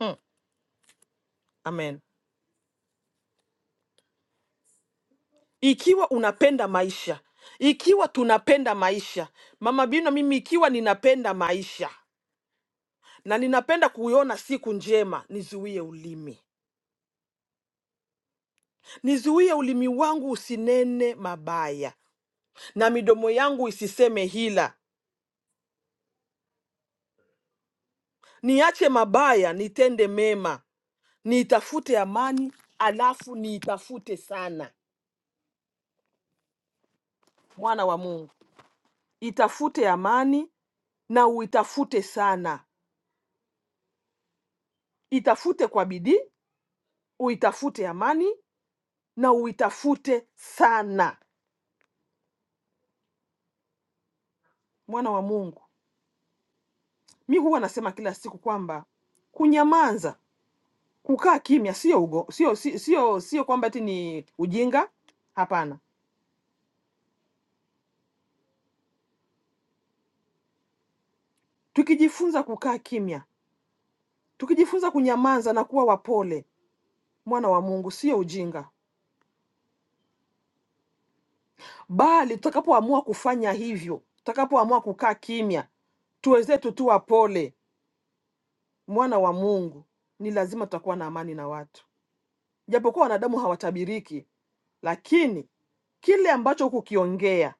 Mm, amen. Ikiwa unapenda maisha, ikiwa tunapenda maisha, mama Bino, mimi ikiwa ninapenda maisha na ninapenda kuiona siku njema, nizuie ulimi, nizuie ulimi wangu usinene mabaya na midomo yangu isiseme hila. Niache mabaya, nitende mema, niitafute amani, alafu niitafute sana. Mwana wa Mungu, itafute amani na uitafute sana, itafute kwa bidii uitafute amani na uitafute sana. Mwana wa Mungu, mi huwa nasema kila siku kwamba kunyamaza, kukaa kimya sio ugo, sio, sio, sio, sio kwamba eti ni ujinga. Hapana, tukijifunza kukaa kimya, tukijifunza kunyamaza na kuwa wapole, mwana wa Mungu, sio ujinga, bali tutakapoamua kufanya hivyo, tutakapoamua kukaa kimya, tuwezetu tu wapole, mwana wa Mungu, ni lazima tutakuwa na amani na watu. Japokuwa wanadamu hawatabiriki, lakini kile ambacho kukiongea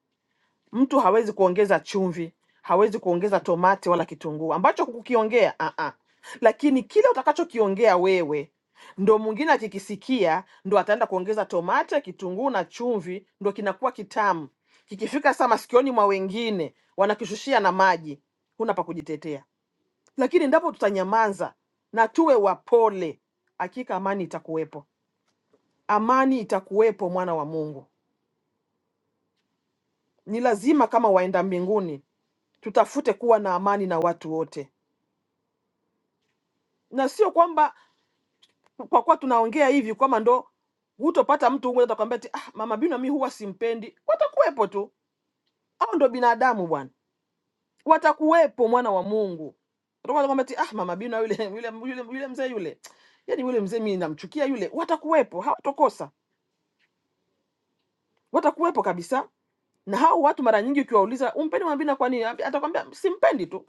mtu hawezi kuongeza chumvi, hawezi kuongeza tomati wala kitunguu ambacho kukiongea a a, lakini kile utakachokiongea wewe ndo mwingine akikisikia ndo ataenda kuongeza tomati, kitunguu na chumvi, ndo kinakuwa kitamu. Kikifika sasa masikioni mwa wengine, wanakishushia na maji, huna pa kujitetea. Lakini endapo tutanyamaza na tuwe wapole, hakika amani itakuwepo amani itakuwepo, mwana wa Mungu. Ni lazima kama waenda mbinguni tutafute kuwa na amani na watu wote, na sio kwamba kwa kuwa tunaongea hivi kwamba ndo hutopata mtu mmoja atakwambia ati ah, mama Bino mi huwa simpendi. Watakuwepo tu, au ndo binadamu bwana, watakuwepo mwana wa Mungu. Watakuwa wanakwambia ati ah, mama Bino yule yule yule, yule mzee yule, yani yule mzee mimi namchukia yule. Watakuwepo, hawatokosa, watakuwepo kabisa. Na hao watu mara nyingi ukiwauliza umpendi mama Bino kwa nini, atakwambia simpendi tu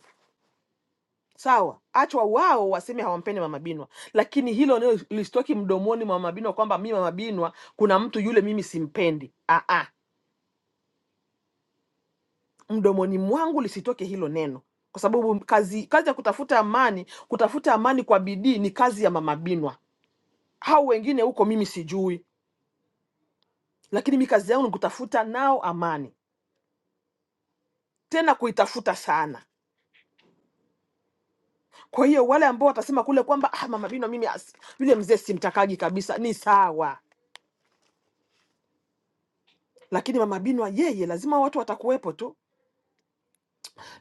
sawa, achwa wao waseme hawampendi Mama Binwa, lakini hilo nilo listoki mdomoni mwa Mama Binwa kwamba mi Mama Binwa kuna mtu yule mimi simpendi. Ah, ah, mdomoni mwangu lisitoke hilo neno, kwa sababu kazi kazi ya kutafuta amani, kutafuta amani kwa bidii ni kazi ya Mama Binwa. Hao wengine huko mimi sijui, lakini mi kazi yangu ni kutafuta nao amani, tena kuitafuta sana. Kwa hiyo wale ambao watasema kule kwamba ah, Mama Binwa mimi as- yule mzee simtakaji kabisa, ni sawa lakini mama Binwa yeye lazima watu watakuwepo tu,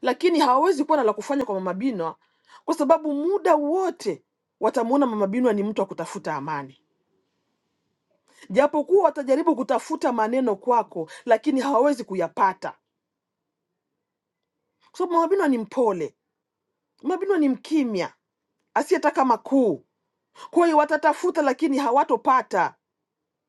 lakini hawawezi kuwa na la kufanya kwa mama Binwa kwa sababu muda wote watamuona mama Binwa ni mtu wa kutafuta amani, japokuwa watajaribu kutafuta maneno kwako, lakini hawawezi kuyapata kwa sababu mama Binwa ni mpole, mama Binwa ni mkimya asiyetaka makuu. Kwa hiyo watatafuta, lakini hawatopata.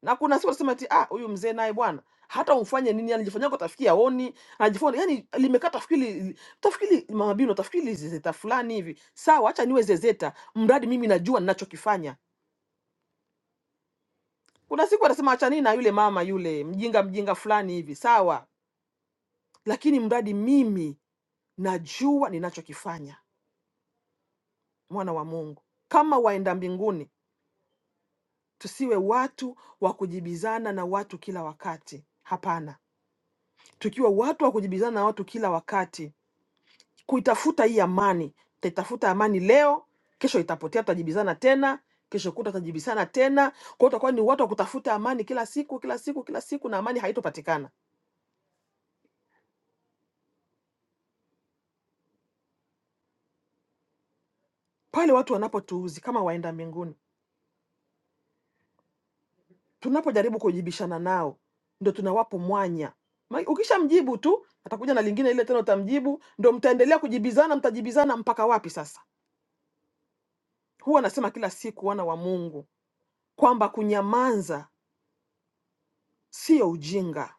na kuna sio kusema ati ah, huyu mzee naye bwana hata umfanye nini, anajifanyako tafikiri aoni, anajifanya yani, limekaa tafikiri tafikiri mama Bino, tafikiri zezeta fulani hivi. Sawa, acha niwe zezeta, mradi mimi najua ninachokifanya. Kuna siku atasema acha nini na yule mama yule mjinga mjinga fulani hivi, sawa, lakini mradi mimi najua ninachokifanya. Mwana wa Mungu, kama waenda mbinguni, tusiwe watu wa kujibizana na watu kila wakati. Hapana, tukiwa watu wa kujibizana na watu kila wakati kuitafuta hii amani. Utaitafuta amani leo, kesho itapotea, tutajibizana tena, kesho kuta tutajibizana tena. Kwa hiyo utakuwa ni watu wa kutafuta amani kila siku kila siku kila siku, na amani haitopatikana pale watu wanapotuuzi kama waenda mbinguni. Tunapojaribu kujibishana nao, ndo tunawapo mwanya. Ma- Ukishamjibu tu atakuja na lingine ile tena, utamjibu ndo mtaendelea kujibizana, mtajibizana mpaka wapi? Sasa huwa anasema kila siku wana wa Mungu kwamba kunyamanza sio ujinga.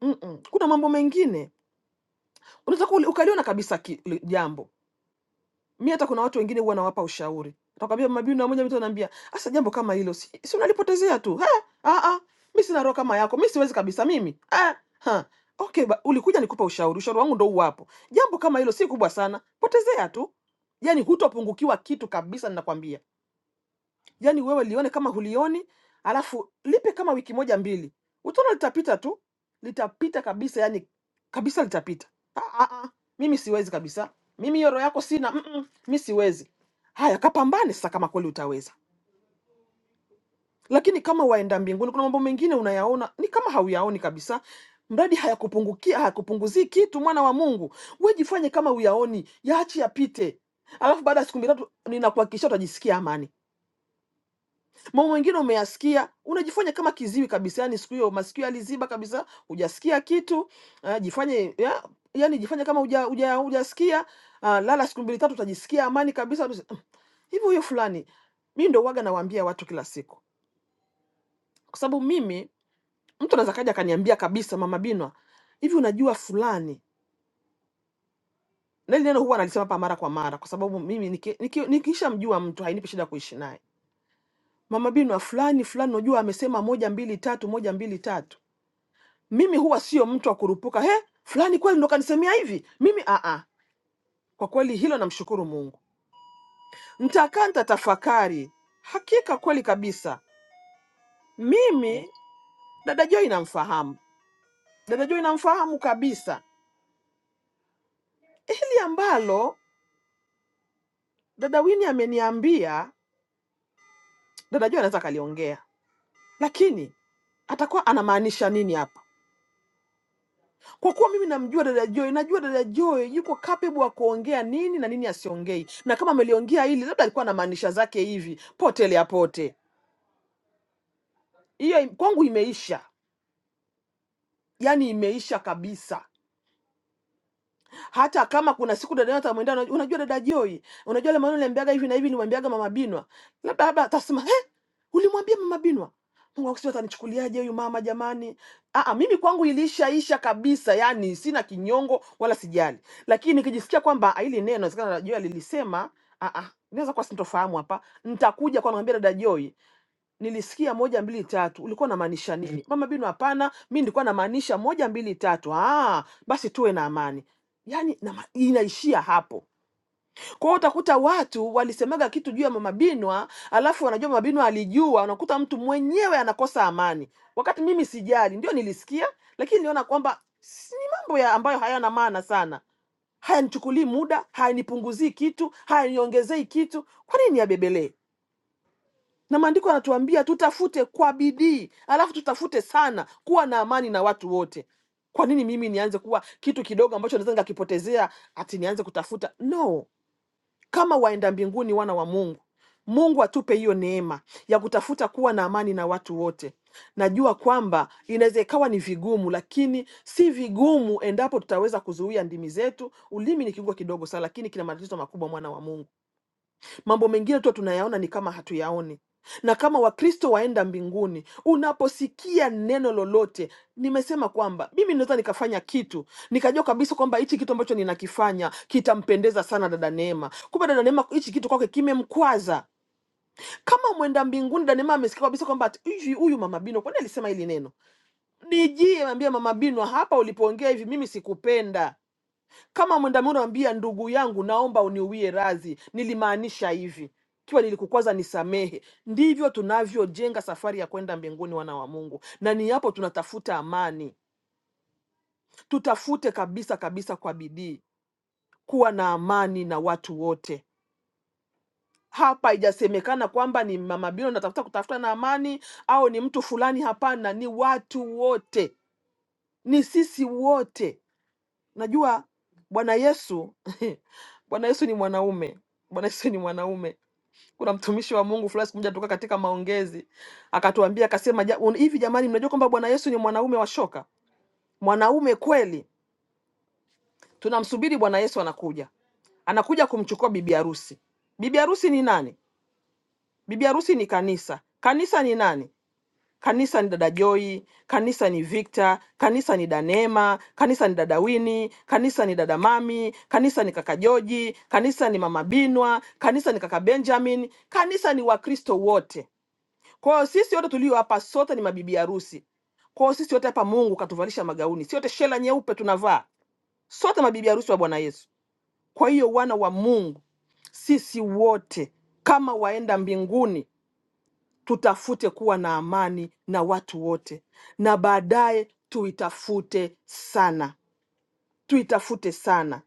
Mm-mm. Kuna mambo mengine unaweza kuwa uli- ukaliona kabisa ki- li- jambo. Mi hata kuna watu wengine huwa nawapa ushauri, nakwambia mabibi na moja, mtu anaambia sasa, jambo kama hilo si, si unalipotezea tu ha, ah, ah, mi sina roho kama yako, mi siwezi kabisa mimi ha, ha. Okay, ba, ulikuja nikupa ushauri, ushauri wangu ndo uwapo. Jambo kama hilo si kubwa sana, potezea tu, yani hutopungukiwa kitu kabisa, ninakwambia yani wewe lione kama hulioni, alafu lipe kama wiki moja mbili, utaona litapita tu, litapita kabisa, yani kabisa litapita. Ah, ah, ah. Mimi siwezi kabisa, mimi hiyo roho yako sina. mm -mm. Mi siwezi. Haya, kapambane sasa kama kweli utaweza, lakini kama waenda mbinguni, kuna mambo mengine unayaona ni kama hauyaoni kabisa, mradi hayakupungukia hayakupunguzii kitu. Mwana wa Mungu, we jifanye kama uyaoni, yaachi yapite, alafu baada ya siku mitatu, ninakuhakikishia utajisikia amani. mambo mengine umeyasikia unajifanya kama kiziwi kabisa yani siku hiyo masikio yaliziba kabisa hujasikia kitu uh, jifanye ya, yani jifanye kama hujasikia uja, uja hujasikia, ah, lala siku mbili tatu utajisikia amani kabisa kabisa. hivi huyo fulani mi ndo waga nawaambia watu kila siku kwa sababu mimi mtu anaweza kaja akaniambia kabisa mama binwa hivi unajua fulani na ile neno huwa analisema hapa mara kwa mara kwa sababu mimi nikishamjua niki, niki nikishamjua mtu hainipi shida kuishi naye mama binwa fulani fulani unajua amesema moja mbili tatu moja mbili tatu mimi huwa sio mtu wa kurupuka he fulani kweli ndo kanisemea hivi mimi aa kwa kweli hilo namshukuru mungu ntakaa ntatafakari hakika kweli kabisa mimi dada joi namfahamu dada joi namfahamu kabisa hili ambalo dada wini ameniambia dada joi anaweza akaliongea lakini atakuwa anamaanisha nini hapa kwa kuwa mimi namjua dada Joy, najua dada Joy yuko capable wa kuongea nini na nini asiongei, na kama ameliongea hili labda alikuwa na maanisha zake hivi, pote lea pote. hiyo im- kwangu imeisha yaani imeisha kabisa hata kama kuna siku dada yangu atamwendea unajua unajua dada joy unajua ile maneno nilimwambiaga hivi na hivi nilimwambiaga mama binwa labda labda atasema eh ulimwambia mama binwa mungu wangu sijui atanichukuliaje huyu mama jamani Aa, mimi kwangu ilishaisha kabisa yani sina kinyongo wala sijali lakini nikijisikia kwamba "Ah, hili neno inawezekana dada joy alilisema ah, ah, inaweza kuwa sintofahamu hapa nitakuja kwa namwambia dada joy nilisikia moja mbili tatu, ulikuwa unamaanisha nini? Mama Bino, hapana, mi nilikuwa namaanisha moja mbili tatu. Ah, basi tuwe na amani. Yani na, inaishia hapo. Kwa hiyo utakuta watu walisemaga kitu juu ya mama Binwa, alafu wanajua mama Binwa alijua, unakuta mtu mwenyewe anakosa amani, wakati mimi sijali, ndio nilisikia, lakini niliona kwamba si- ni mambo ya ambayo hayana maana sana, hayanichukulii muda, hayanipunguzii kitu, hayaniongezei kitu, kwa nini yabebelee? na maandiko yanatuambia tutafute kwa bidii, alafu tutafute sana kuwa na amani na watu wote. Kwa nini mimi nianze kuwa kitu kidogo ambacho naweza nikakipotezea ati nianze kutafuta? No, kama waenda mbinguni, wana wa Mungu, Mungu atupe hiyo neema ya kutafuta kuwa na amani na watu wote. Najua kwamba inaweza ikawa ni vigumu, lakini si vigumu endapo tutaweza kuzuia ndimi zetu. Ulimi ni kiungo kidogo sana, lakini kina matatizo makubwa, mwana wa Mungu. Mambo mengine tu tunayaona ni kama hatuyaoni. Na kama Wakristo waenda mbinguni, unaposikia neno lolote, nimesema kwamba mimi naweza nikafanya kitu nikajua kabisa kwamba hichi kitu ambacho ninakifanya kitampendeza sana dada Neema, kumbe dada Neema hichi kitu kwake kimemkwaza. Kama mwenda mbinguni, dada Neema amesikia kabisa kwamba ati, hivi huyu mama Bino kwani alisema hili neno, nijie ambia mama Bino, hapa ulipoongea hivi mimi sikupenda kama mwandamano ambia ndugu yangu, naomba uniwie radhi, nilimaanisha hivi, kiwa nilikukwaza nisamehe. Ndivyo tunavyojenga safari ya kwenda mbinguni, wana wa Mungu, na ni hapo tunatafuta amani. Tutafute kabisa kabisa kwa bidii kuwa na amani na watu wote. Hapa haijasemekana kwamba ni mama Bino natafuta kutafuta na amani au ni mtu fulani. Hapana, ni watu wote, ni sisi wote Najua Bwana Yesu Bwana Yesu ni mwanaume, Bwana Yesu ni mwanaume. Kuna mtumishi wa Mungu fulani siku moja toka katika maongezi akatuambia akasema, "Ja- un- hivi jamani, mnajua kwamba Bwana Yesu ni mwanaume wa shoka, mwanaume kweli. Tunamsubiri Bwana Yesu, anakuja, anakuja kumchukua bibi harusi. Bibi harusi ni nani? Bibi harusi ni kanisa. Kanisa ni nani? Kanisa ni dada Joy, kanisa ni Victor, kanisa ni Danema, kanisa ni dada Wini, kanisa ni dada Mami, kanisa ni kaka Joji, kanisa ni mama Binwa, kanisa ni kaka Benjamin, kanisa ni Wakristo wote. Kwa hiyo sisi wote tulio hapa sote ni mabibi harusi. Kwa hiyo sisi wote hapa Mungu katuvalisha magauni, si wote shela nyeupe tunavaa, sote mabibi harusi wa Bwana Yesu. Kwa hiyo wana wa Mungu sisi wote kama waenda mbinguni tutafute kuwa na amani na watu wote, na baadaye tuitafute sana, tuitafute sana.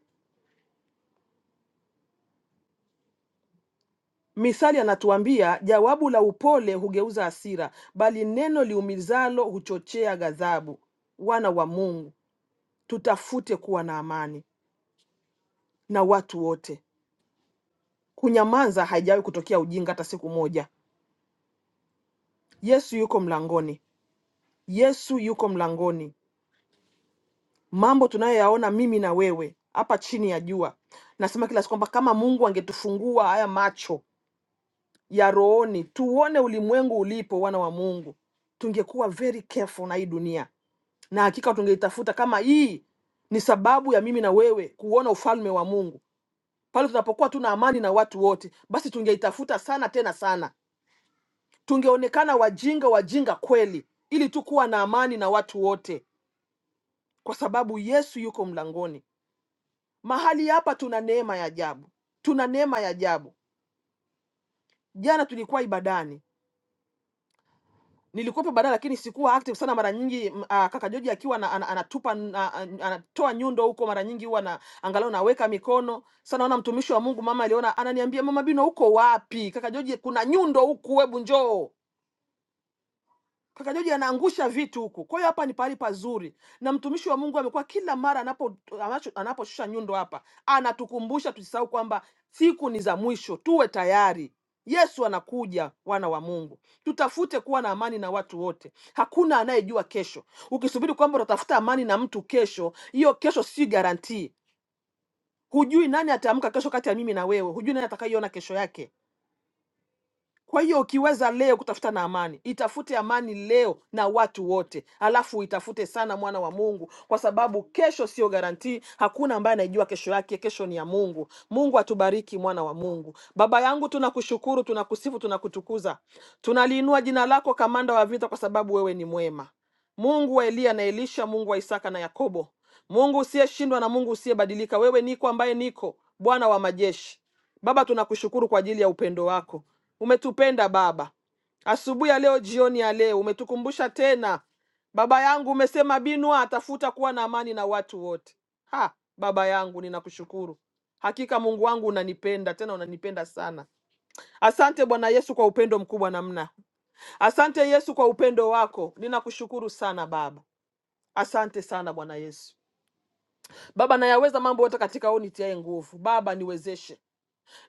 Mithali anatuambia jawabu la upole hugeuza hasira, bali neno liumizalo huchochea ghadhabu. Wana wa Mungu, tutafute kuwa na amani na watu wote. Kunyamaza haijawahi kutokea ujinga hata siku moja. Yesu yuko mlangoni, Yesu yuko mlangoni. mambo tunayoyaona mimi na wewe hapa chini ya jua. Nasema kila siku kwamba kama Mungu angetufungua haya macho ya rohoni, tuone ulimwengu ulipo, wana wa Mungu, tungekuwa very careful na hii dunia, na hakika tungeitafuta kama hii ni sababu ya mimi na wewe kuona ufalme wa Mungu. Pale tunapokuwa tuna amani na watu wote, basi tungeitafuta sana tena sana, tungeonekana wajinga wajinga kweli, ili tu kuwa na amani na watu wote, kwa sababu Yesu yuko mlangoni. Mahali hapa tuna neema ya ajabu, tuna neema ya ajabu. Jana tulikuwa ibadani, nilikuwepo ibadani, lakini sikuwa active sana. Mara nyingi m- ah, kaka Joji akiwa ana- ana- anatupa n- ah, ah, anatoa nyundo huko, mara nyingi huwa na angalau naweka mikono sana. Naona mtumishi wa Mungu mama aliona, ananiambia mama Bino, uko wapi? Kaka Joji, kuna nyundo huku, hebu njoo Kaka Joji anaangusha vitu huku. Kwa hiyo hapa ni pahali pazuri, na mtumishi wa Mungu amekuwa kila mara anapo anacho- anaposhusha nyundo hapa, anatukumbusha tusisahau kwamba siku ni za mwisho, tuwe tayari. Yesu anakuja, wana wa Mungu, tutafute kuwa na amani na watu wote. Hakuna anayejua kesho. Ukisubiri kwamba utatafuta amani na mtu kesho, hiyo kesho si garantii. Hujui nani ataamka kesho kati ya mimi na wewe, hujui nani atakaiona kesho yake. Kwa hiyo ukiweza leo kutafuta na amani, itafute amani leo na watu wote, alafu uitafute sana, mwana wa Mungu, kwa sababu kesho sio garantii. Hakuna ambaye anaijua kesho yake, kesho ni ya Mungu. Mungu atubariki, mwana wa Mungu. Baba yangu, tunakushukuru, tunakusifu, tunakutukuza, tunaliinua jina lako, kamanda wa vita, kwa sababu wewe ni mwema, Mungu wa Eliya na Elisha, Mungu wa Isaka na Yakobo, Mungu usiyeshindwa na Mungu usiyebadilika. Wewe niko ambaye niko, Bwana wa majeshi. Baba, tunakushukuru kwa ajili ya upendo wako. Umetupenda Baba, asubuhi ya leo, jioni ya leo, umetukumbusha tena Baba yangu, umesema Binwa atafuta kuwa na amani na watu wote. Ha, Baba yangu, ninakushukuru hakika Mungu wangu unanipenda tena, unanipenda sana. Asante Bwana Yesu kwa upendo mkubwa namna. Asante Yesu kwa upendo wako, ninakushukuru sana Baba. Asante sana Bwana Yesu. Baba, nayaweza mambo yote katika wewe nitiaye nguvu. Baba, niwezeshe.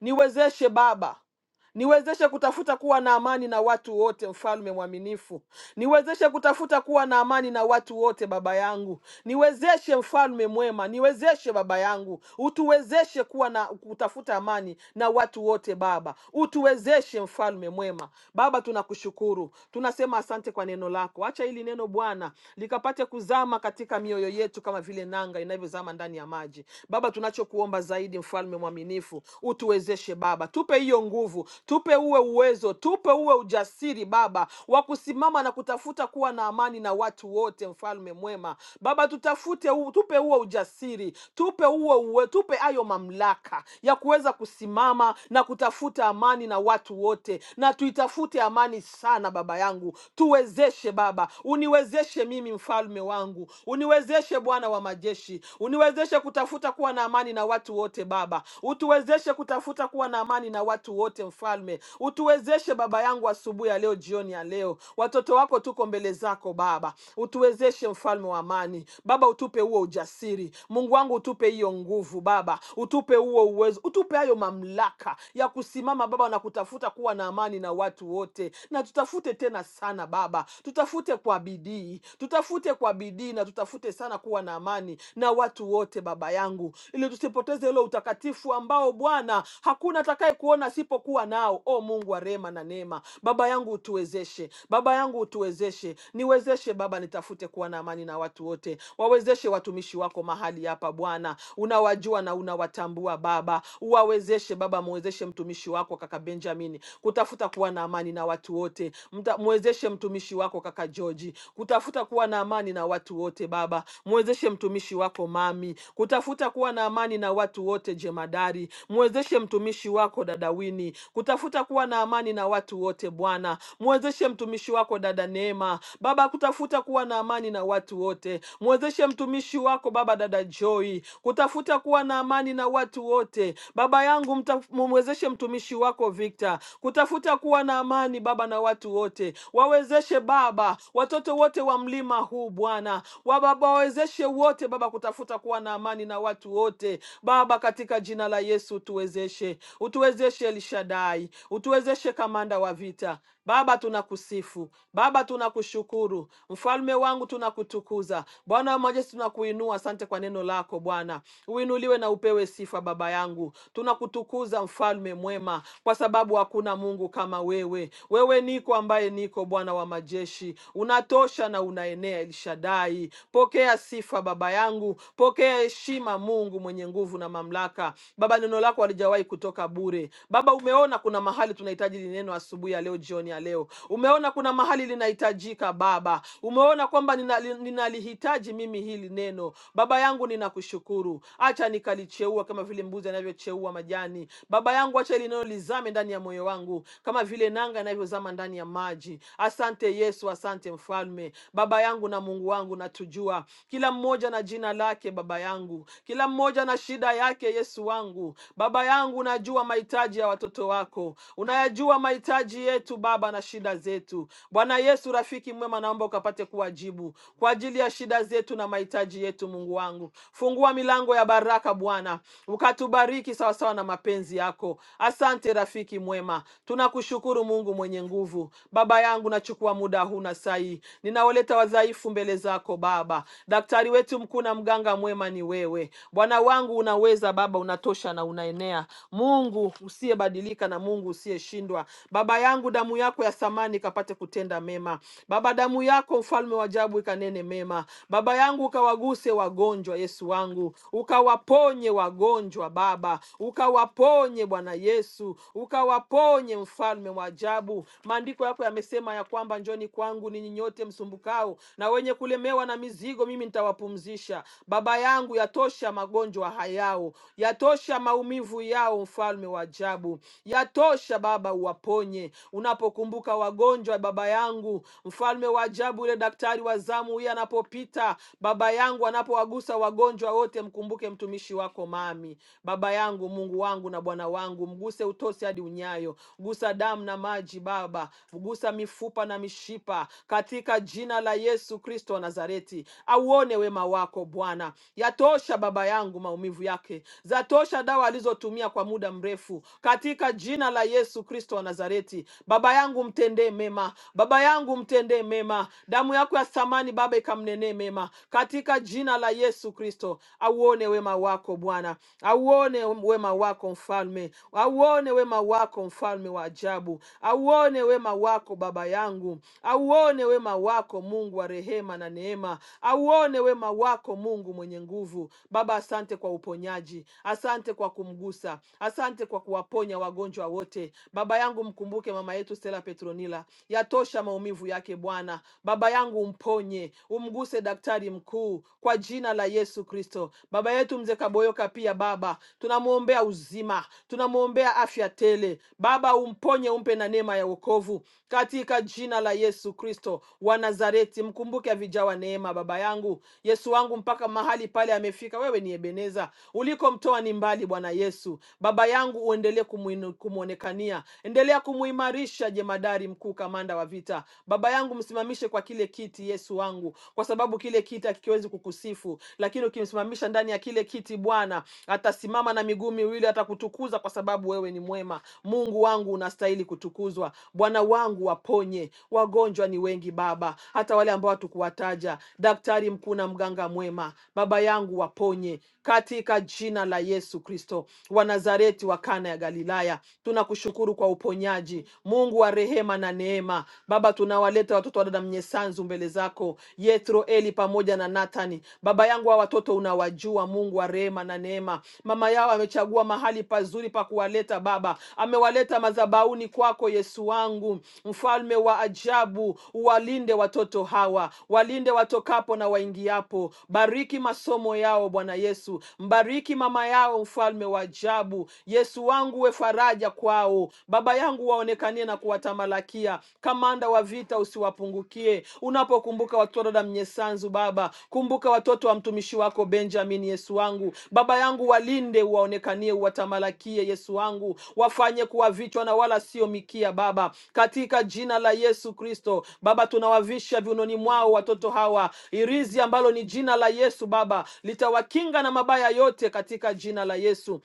Niwezeshe Baba, niwezeshe kutafuta kuwa na amani na watu wote, mfalme mwaminifu. Niwezeshe kutafuta kuwa na amani na watu wote, baba yangu Niwezeshe mfalme mwema, niwezeshe baba yangu, utuwezeshe kuwa na kutafuta amani na watu wote Baba, utuwezeshe mfalme mwema. Baba, tunakushukuru, tunasema asante kwa neno lako. Acha hili neno Bwana likapate kuzama katika mioyo yetu kama vile nanga inavyozama ndani ya maji. Baba, tunachokuomba zaidi, mfalme mwaminifu, utuwezeshe Baba, tupe hiyo nguvu, tupe uwe uwezo, tupe uwe ujasiri Baba wa kusimama na kutafuta kuwa na amani na watu wote, mfalme mwema mwema. Baba, tutafute huu, tupe huo ujasiri, tupe huo uwe, tupe hayo mamlaka ya kuweza kusimama na kutafuta amani na watu wote, na tuitafute amani sana. Baba yangu, tuwezeshe Baba, uniwezeshe mimi mfalme wangu, uniwezeshe Bwana wa majeshi, uniwezeshe kutafuta kuwa na amani na watu wote. Baba, utuwezeshe kutafuta kuwa na amani na watu wote. Mfalme, utuwezeshe Baba yangu, asubuhi ya leo, jioni ya leo, watoto wako tuko mbele zako Baba, utuwezeshe tuwezeshe mfalme wa amani baba utupe huo ujasiri mungu wangu utupe hiyo nguvu baba utupe huo uwezo utupe hayo mamlaka ya kusimama baba na kutafuta kuwa na amani na watu wote na tutafute tena sana baba tutafute kwa bidii tutafute kwa bidii na tutafute sana kuwa na amani na watu wote baba yangu ili tusipoteze ule utakatifu ambao bwana hakuna atakaye kuona asipokuwa nao o mungu wa rehema na neema baba yangu utuwezeshe baba yangu utuwezeshe niwezeshe Baba. Baba, nitafute kuwa na amani na watu wote, wawezeshe watumishi wako mahali hapa Bwana, unawajua na unawatambua Baba, uwawezeshe Baba, muwezeshe mtumishi wako kaka Benjamin kutafuta kuwa na amani na watu wote, Mta- muwezeshe mtumishi wako kaka George kutafuta kuwa na amani na watu wote Baba, muwezeshe mtumishi wako mami kutafuta kuwa na amani na watu wote jemadari, muwezeshe mtumishi wako dadawini kutafuta kuwa na amani na watu wote Bwana, muwezeshe mtumishi wako dada Neema Baba Baba, kutafuta kuwa na amani na watu wote. Mwezeshe mtumishi wako Baba, dada Joy, kutafuta kuwa na amani na watu wote. Baba yangu, mta- mwezeshe mtumishi wako Victor kutafuta kuwa na amani Baba na watu wote. Wawezeshe Baba watoto wote wa mlima huu Bwana, wa Baba wawezeshe wote Baba kutafuta kuwa na amani na watu wote Baba, katika jina la Yesu utuwezeshe, utuwezeshe Elshadai, utuwezeshe kamanda wa vita Baba, tunakusifu Baba, tunakushukuru mfalme wangu, tunakutukuza Bwana wa majeshi, tunakuinua. Asante kwa neno lako Bwana, uinuliwe na upewe sifa Baba yangu. Tunakutukuza mfalme mwema, kwa sababu hakuna Mungu kama wewe. Wewe niko ambaye niko, Bwana wa majeshi, unatosha na unaenea. Elshadai, pokea sifa Baba yangu, pokea heshima Mungu mwenye nguvu na mamlaka. Baba, neno lako halijawahi kutoka bure. Baba, umeona kuna mahali tunahitaji lineno asubuhi ya ya leo, jioni ya leo. Umeona kuna mahali linahitajika Baba, umeona kwamba ninali- ninalihitaji nina mimi hili neno. Baba yangu, ninakushukuru, acha nikalicheua kama vile mbuzi anavyocheua majani. Baba yangu, acha hili neno lizame ndani ya moyo wangu kama vile nanga inavyozama ndani ya maji. Asante Yesu, asante Mfalme. Baba yangu na Mungu wangu, natujua kila mmoja na jina lake, Baba yangu, kila mmoja na shida yake, Yesu wangu. Baba yangu, unajua mahitaji ya watoto wako, unayajua mahitaji mahitaji yetu Baba na shida zetu. Bwana Yesu rafiki mwema, naomba ukapate kuwajibu kwa ajili ya shida zetu na mahitaji yetu. Mungu wangu, fungua milango ya baraka Bwana, ukatubariki sawasawa na mapenzi yako. Asante rafiki mwema, tunakushukuru Mungu mwenye nguvu. Baba yangu, nachukua muda huu na saa hii ninawaleta wadhaifu mbele zako Baba. Daktari wetu mkuu na mganga mwema ni wewe Bwana wangu, unaweza Baba, unatosha na unaenea, Mungu usiyebadilika na Mungu usiyeshindwa kushindwa. Baba yangu, damu yako ya thamani ikapate kutenda mema. Baba, damu yako mfalme wa ajabu ikanene mema. Baba yangu, ukawaguse wagonjwa, Yesu wangu, ukawaponye wagonjwa Baba, ukawaponye Bwana Yesu, ukawaponye mfalme wa ajabu. Maandiko yako yamesema ya kwamba njoni kwangu ninyi nyote msumbukao na wenye kulemewa na mizigo, mimi nitawapumzisha. Baba yangu, yatosha magonjwa hayao, yatosha maumivu yao, mfalme wa ajabu, yatosha Tosha Baba, uwaponye. Unapokumbuka wagonjwa, Baba yangu, mfalme wa ajabu, yule daktari wa zamu, huye anapopita, Baba yangu, anapowagusa wagonjwa wote, mkumbuke mtumishi wako mami. Baba yangu, Mungu wangu na Bwana wangu, mguse utosi hadi unyayo, gusa damu na maji Baba, gusa mifupa na mishipa, katika jina la Yesu Kristo wa Nazareti, auone wema wako Bwana. Yatosha Baba yangu maumivu yake, zatosha dawa alizotumia kwa muda mrefu, katika jina jina la Yesu Kristo wa Nazareti. Baba yangu mtendee mema, baba yangu mtendee mema, damu yako ya thamani Baba ikamnenee mema, katika jina la Yesu Kristo. Auone wema wako Bwana, auone wema wako Mfalme, auone wema wako Mfalme wa ajabu, auone wema wako Baba yangu, auone wema wako Mungu wa rehema na neema, auone wema wako Mungu mwenye nguvu. Baba, asante kwa uponyaji, asante kwa kumgusa, asante kwa kuwaponya ponya wagonjwa wote. Baba yangu, mkumbuke mama yetu Stella Petronila, yatosha maumivu yake Bwana. Baba yangu, umponye, umguse daktari mkuu, kwa jina la Yesu Kristo. Baba yetu mzee Kaboyoka pia Baba, tunamwombea uzima, tunamwombea afya tele. Baba, umponye, umpe na neema ya wokovu katika jina la Yesu Kristo wa Nazareti. Mkumbuke avijawa neema, Baba yangu Yesu wangu, mpaka mahali pale amefika. Wewe ni Ebeneza, ulikomtoa ni mbali, Bwana Yesu. Baba yangu uendelee kumuinu- kumwonekania, endelea kumuimarisha jemadari mkuu, kamanda wa vita. Baba yangu, msimamishe kwa kile kiti Yesu wangu, kwa sababu kile kiti hakiwezi kukusifu, lakini ukimsimamisha ndani ya kile kiti Bwana atasimama na miguu miwili, atakutukuza kwa sababu wewe ni mwema. Mungu wangu unastahili kutukuzwa. Bwana wangu, waponye wagonjwa, ni wengi Baba, hata wale ambao hatukuwataja. Daktari mkuu na mganga mwema, Baba yangu, waponye katika jina la Yesu Kristo wa Nazareti. Nazareti wa Kana ya Galilaya. Tunakushukuru kwa uponyaji, Mungu wa rehema na neema. Baba, tunawaleta watoto wa dada Mnyesanzu mbele zako, Yethro, Eli pamoja na Nathani. Baba yangu, hawa watoto unawajua, Mungu wa rehema na neema. Mama yao amechagua mahali pazuri pa kuwaleta Baba, amewaleta madhabahuni kwako, Yesu wangu, mfalme wa ajabu. Walinde watoto hawa, walinde watokapo na waingiapo. Bariki masomo yao, Bwana Yesu, mbariki mama yao, mfalme wa ajabu taabu. Yesu wangu, we faraja kwao. Baba yangu, waonekanie na kuwatamalakia. Kamanda wa vita, usiwapungukie. Unapokumbuka watoto da mnyesanzu, Baba kumbuka watoto wa mtumishi wako Benjamin. Yesu wangu, baba yangu, walinde, uwaonekanie, uwatamalakie. Yesu wangu, wafanye kuwa vichwa na wala sio mikia, Baba, katika jina la Yesu Kristo. Baba, tunawavisha viunoni mwao watoto hawa irizi ambalo ni jina la Yesu. Baba, litawakinga na mabaya yote katika jina la Yesu.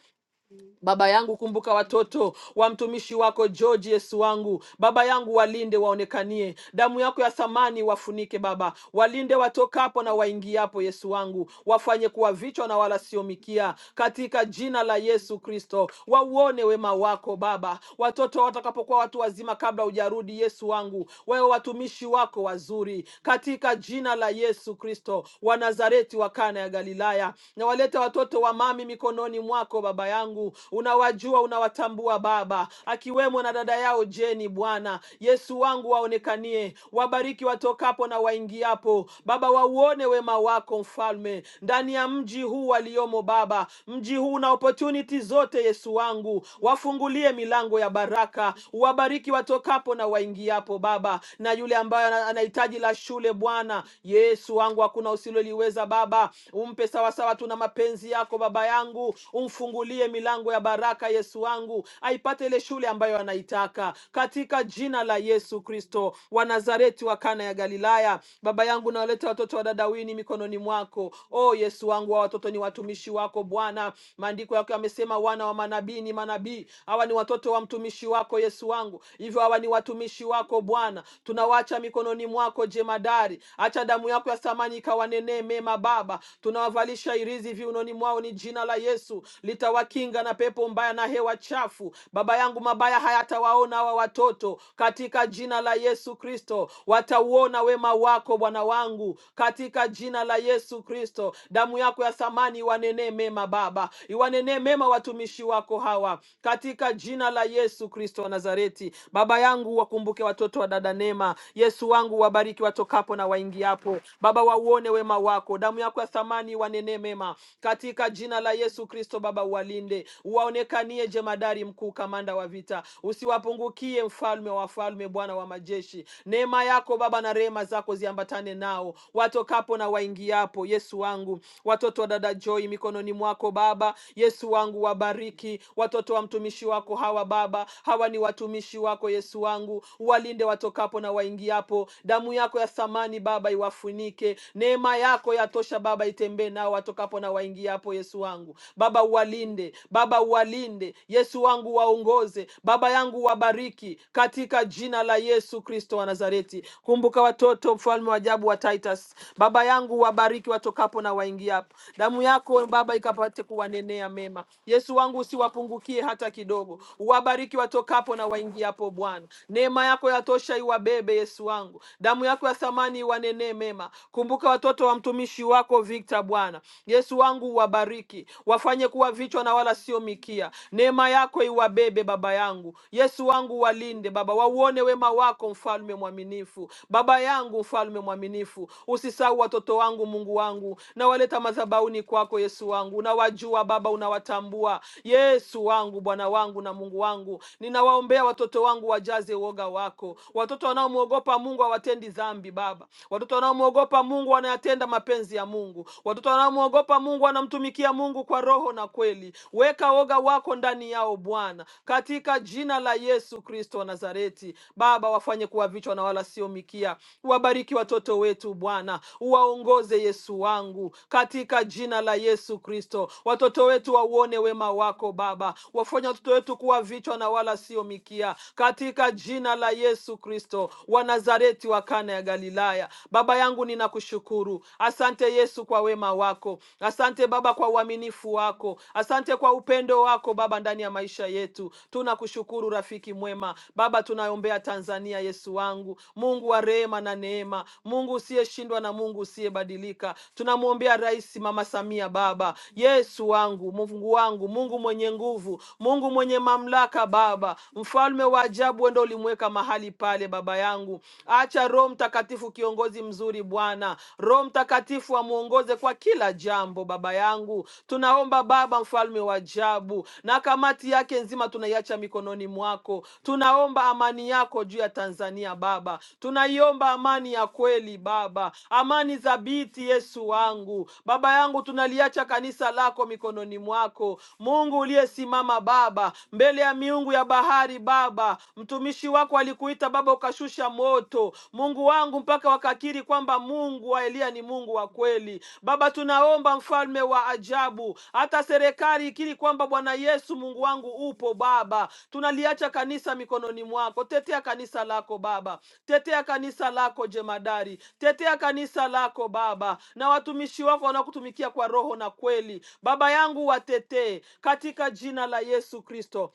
Baba yangu, kumbuka watoto wa mtumishi wako George, Yesu wangu. Baba yangu, walinde waonekanie, damu yako ya thamani wafunike Baba, walinde watokapo na waingiapo, Yesu wangu, wafanye kuwa vichwa na wala sio mikia, katika jina la Yesu Kristo. Wauone wema wako Baba, watoto watakapokuwa watu wazima kabla hujarudi, Yesu wangu, wewe watumishi wako wazuri, katika jina la Yesu Kristo wa Nazareti wa Kana ya Galilaya, na walete watoto wa mami mikononi mikononi mwako Baba yangu, unawajua, unawatambua Baba, akiwemo na dada yao Jeni. Bwana Yesu wangu, waonekanie, wabariki watokapo na waingiapo. Baba, wauone wema wako Mfalme ndani ya mji huu waliomo, Baba, mji huu na opportunity zote. Yesu wangu, wafungulie milango ya baraka, uwabariki watokapo na waingiapo, Baba, na yule ambaye ana- anahitaji la shule, Bwana Yesu wangu, hakuna usiloliweza Baba, umpe sawasawa tu na mapenzi yako mapenzi yako Baba yangu, umfungulie milango ya baraka Yesu wangu, aipate ile shule ambayo anaitaka katika jina la Yesu Kristo wa Nazareti wa Kana ya Galilaya. Baba yangu, nawaleta watoto wa dadawini mikononi mwako. O Yesu wangu, hawa watoto ni watumishi wako Bwana. Maandiko yako yamesema wana wa manabii ni manabii. Hawa ni watoto wa mtumishi wako Yesu wangu, hivyo hawa ni watumishi wako Bwana. Tunawacha mikononi mwako jemadari, acha damu yako ya thamani ikawanenee mema Baba. Tunawava Wanaovalisha irizi viunoni mwao ni jina la Yesu, litawakinga na pepo mbaya na hewa chafu. Baba yangu, mabaya hayatawaona hawa watoto katika jina la Yesu Kristo. Watauona wema wako Bwana wangu katika jina la Yesu Kristo. Damu yako ya thamani iwanenee mema Baba, iwanenee mema watumishi wako hawa katika jina la Yesu Kristo wa Nazareti. Baba yangu, wakumbuke watoto wa dada Neema. Yesu wangu, wabariki watokapo na waingiapo. Baba, wauone wema wako yako, damu yako ya thamani wanenee mema katika jina la Yesu Kristo. Baba, uwalinde, uwaonekanie jemadari mkuu, kamanda wa vita, usiwapungukie mfalme wa wafalme, Bwana wa majeshi. Neema yako Baba na rehema zako ziambatane nao watokapo na waingiapo. Yesu wangu, watoto wa dada Joy mikononi mwako Baba. Yesu wangu, wabariki watoto wa mtumishi wako hawa Baba, hawa ni watumishi wako Yesu wangu, walinde watokapo na waingiapo. Damu yako ya thamani Baba iwafunike yatendeke. Neema yako yatosha Baba, itembee nao watokapo na waingia hapo. Yesu wangu Baba, uwalinde Baba, uwalinde Yesu wangu, waongoze Baba yangu, wabariki katika jina la Yesu Kristo wa Nazareti. Kumbuka watoto, mfalme wa ajabu wa Titus, Baba yangu, wabariki watokapo na waingia hapo. Damu yako Baba ikapate kuwanenea mema. Yesu wangu, usiwapungukie hata kidogo, uwabariki watokapo na waingia hapo. Bwana, neema yako yatosha, iwabebe Yesu wangu, damu yako ya thamani amani iwanenee mema. Kumbuka watoto wa mtumishi wako Victor, Bwana Yesu wangu, wabariki, wafanye kuwa vichwa na wala sio mikia. Neema yako iwabebe baba yangu, Yesu wangu, walinde Baba, wauone wema wako, mfalme mwaminifu, baba yangu, mfalme mwaminifu. Usisahau watoto wangu, Mungu wangu, nawaleta madhabahuni kwako, Yesu wangu, unawajua Baba, unawatambua Yesu wangu, Bwana wangu na Mungu wangu, ninawaombea watoto wangu wajaze uoga wako, watoto wanaomwogopa Mungu Mungu hawatendi dhambi Baba. Watoto wanaomwogopa Mungu wanayatenda mapenzi ya Mungu. Watoto wanaomwogopa Mungu wanamtumikia Mungu kwa roho na kweli. Weka woga wako ndani yao Bwana, katika jina la Yesu Kristo wa Nazareti. Baba, wafanye kuwa vichwa na wala sio mikia. Wabariki watoto wetu Bwana, uwaongoze Yesu wangu, katika jina la Yesu Kristo. Watoto wetu wauone wema wako Baba, wafanye watoto wetu kuwa vichwa na wala sio mikia, katika jina la Yesu Kristo. Kristo wa Nazareti wa Kana ya Galilaya. Baba yangu ninakushukuru. Asante Yesu kwa wema wako. Asante Baba kwa uaminifu wako. Asante kwa upendo wako Baba ndani ya maisha yetu. Tunakushukuru rafiki mwema. Baba tunaombea Tanzania Yesu wangu. Mungu wa rehema na neema. Mungu usiyeshindwa na Mungu usiyebadilika. Tunamwombea Rais Mama Samia Baba. Yesu wangu, Mungu wangu, Mungu mwenye nguvu, Mungu mwenye mamlaka Baba. Mfalme wa ajabu ndo ulimweka mahali pale, Baba yangu. Acha Roho Mtakatifu kiongozi mzuri Bwana, Roho Mtakatifu amuongoze kwa kila jambo Baba yangu. Tunaomba Baba, mfalme wa ajabu, na kamati yake nzima tunaiacha mikononi mwako. Tunaomba amani yako juu ya Tanzania Baba, tunaiomba amani ya kweli Baba, amani thabiti Yesu wangu. Baba yangu, tunaliacha kanisa lako mikononi mwako, Mungu uliyesimama Baba mbele ya miungu ya bahari hatari Baba. Mtumishi wako alikuita Baba, ukashusha moto Mungu wangu, mpaka wakakiri kwamba Mungu wa Eliya ni Mungu wa kweli. Baba, tunaomba mfalme wa ajabu, hata serikali ikiri kwamba Bwana Yesu Mungu wangu upo Baba. Tunaliacha kanisa mikononi mwako, tetea kanisa lako Baba, tetea kanisa lako jemadari, tetea kanisa lako Baba, na watumishi wako wanaokutumikia kwa roho na kweli. Baba yangu, watetee katika jina la Yesu Kristo.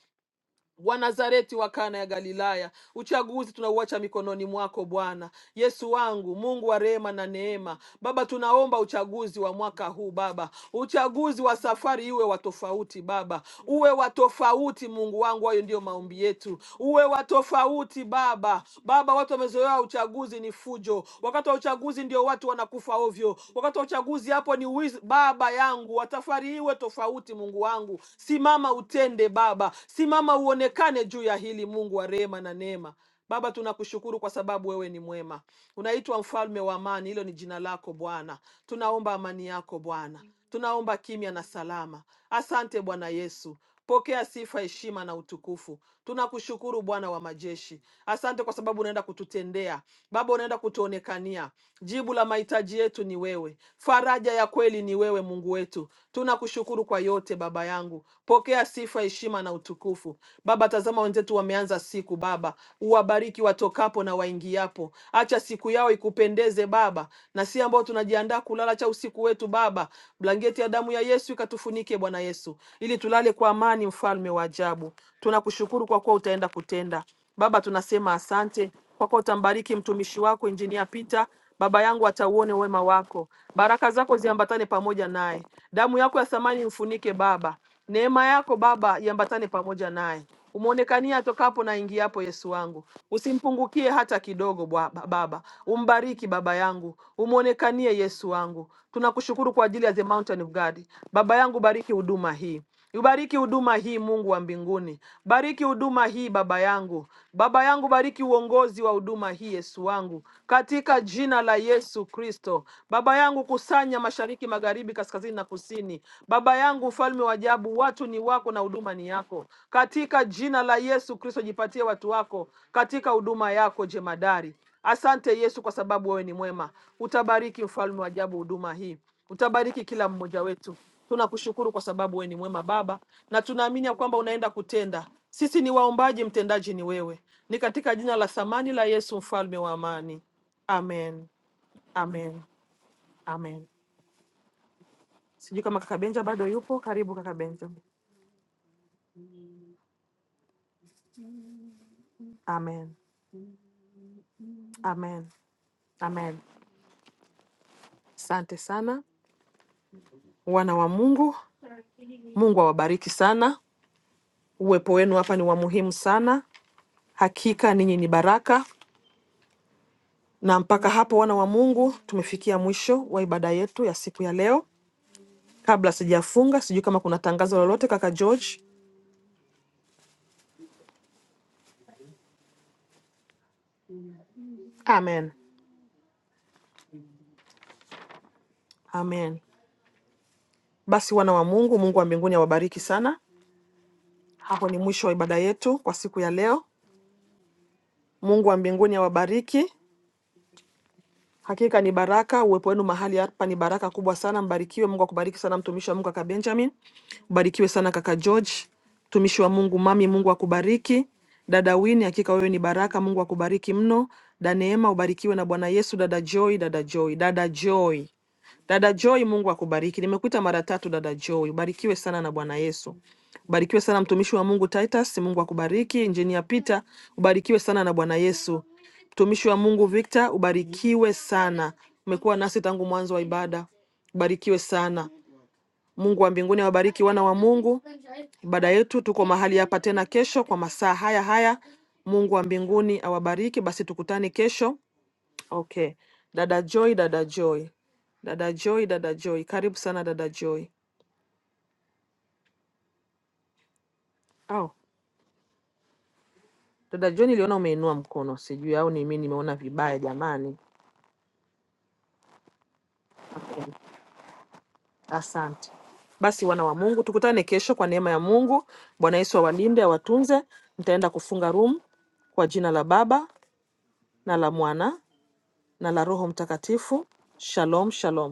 Wanazareti wa Kana ya Galilaya, uchaguzi tunauacha mikononi mwako Bwana Yesu wangu, Mungu wa rehema na neema. Baba, tunaomba uchaguzi wa mwaka huu Baba, uchaguzi wa safari iwe wa tofauti Baba, uwe wa tofauti Mungu wangu, hayo ndio maombi yetu, uwe wa tofauti Baba. Baba, watu wamezoea uchaguzi ni fujo, wakati wa uchaguzi ndio watu wanakufa ovyo, wakati wa uchaguzi hapo ni wizi. Baba yangu, wa safari iwe tofauti Mungu wangu, simama simama utende Baba, simama uonekane juu ya hili, Mungu wa rehema na neema. Baba, tunakushukuru kwa sababu wewe ni mwema, unaitwa mfalme wa amani. Hilo ni jina lako Bwana. Tunaomba amani yako Bwana, tunaomba kimya na salama. Asante Bwana Yesu, pokea sifa, heshima na utukufu. Tunakushukuru Bwana wa majeshi, asante kwa sababu unaenda kututendea Baba, unaenda kutuonekania. Jibu la mahitaji yetu ni wewe, faraja ya kweli ni wewe, Mungu wetu. Tunakushukuru kwa yote Baba yangu, pokea sifa, heshima na utukufu Baba. Tazama wenzetu wameanza siku Baba, uwabariki watokapo na waingiapo, acha siku yao ikupendeze Baba, na si ambao tunajiandaa kulala, cha usiku wetu Baba, blanketi ya damu ya Yesu ikatufunike Bwana Yesu, ili tulale kwa amani, mfalme wa ajabu. Tunakushukuru kwa kuwa utaenda kutenda. Baba, tunasema asante kwa kuwa utambariki mtumishi wako Injinia Peter. Baba yangu atauone wema wako, baraka zako ziambatane pamoja naye, damu yako ya thamani imfunike Baba, neema yako Baba iambatane pamoja naye, umwonekanie atokapo na ingiapo. Yesu wangu, usimpungukie hata kidogo. Bwa- Baba, umbariki baba yangu, umwonekanie Yesu wangu. Tunakushukuru kwa ajili ya the mountain of God. Baba yangu, bariki huduma hii. Ubariki huduma hii Mungu wa mbinguni. Bariki huduma hii Baba yangu. Baba yangu bariki uongozi wa huduma hii Yesu wangu. Katika jina la Yesu Kristo. Baba yangu kusanya mashariki, magharibi, kaskazini na kusini. Baba yangu ufalme wa ajabu, watu ni wako na huduma ni yako. Katika jina la Yesu Kristo jipatie watu wako katika huduma yako jemadari. Asante Yesu kwa sababu wewe ni mwema. Utabariki mfalme wa ajabu huduma hii. Utabariki kila mmoja wetu. Tunakushukuru kwa sababu wewe ni mwema Baba, na tunaamini ya kwamba unaenda kutenda. Sisi ni waombaji, mtendaji ni wewe. Ni katika jina la thamani la Yesu, mfalme wa amani. Amen, amen, amen. Sijui kama kaka Benja bado yupo. Karibu kaka Benja. Amen, amen, amen. Asante sana wana wa Mungu. Mungu awabariki sana. Uwepo wenu hapa ni wa muhimu sana. Hakika ninyi ni baraka. Na mpaka hapo, wana wa Mungu, tumefikia mwisho wa ibada yetu ya siku ya leo. Kabla sijafunga, sijui kama kuna tangazo lolote, kaka George. Amen, amen. Basi wana wa Mungu, Mungu wa mbinguni awabariki sana. Hapo ni mwisho wa ibada yetu kwa siku ya leo. Mungu wa mbinguni awabariki. Hakika ni baraka, uwepo wenu mahali hapa ni baraka kubwa sana. Mbarikiwe. Mungu akubariki sana, mtumishi wa Mungu kaka Benjamin. Ubarikiwe sana kaka George, mtumishi wa Mungu mami, Mungu akubariki. Dada Wini, hakika wewe ni baraka, Mungu akubariki mno. Da Neema, ubarikiwe na Bwana Yesu. Dada Joy, dada Joy, dada Joy. Dada Joy, Mungu akubariki. Nimekuita mara tatu dada Joy, ubarikiwe sana na Bwana Yesu. Ubarikiwe sana mtumishi wa Mungu Titus, Mungu akubariki. Engineer Peter, ubarikiwe sana na Bwana Yesu. Mtumishi wa Mungu Victor, ubarikiwe sana. Umekuwa nasi tangu mwanzo wa ibada, ubarikiwe sana. Mungu wa mbinguni awabariki wana wa Mungu. Ibada yetu tuko mahali hapa tena kesho kwa masaa haya haya. Mungu wa mbinguni awabariki. Basi tukutane kesho Okay. Dada Joy, dada Joy. Dada Joy, dada Joy. Karibu sana dada Joy. Au, dada Joy niliona umeinua mkono. Sijui au ni mimi nimeona vibaya jamani. Okay. Asante. Basi wana wa Mungu, tukutane kesho kwa neema ya Mungu. Bwana Yesu awalinde, awatunze. Nitaenda kufunga room kwa jina la Baba na la Mwana na la Roho Mtakatifu. Shalom, shalom.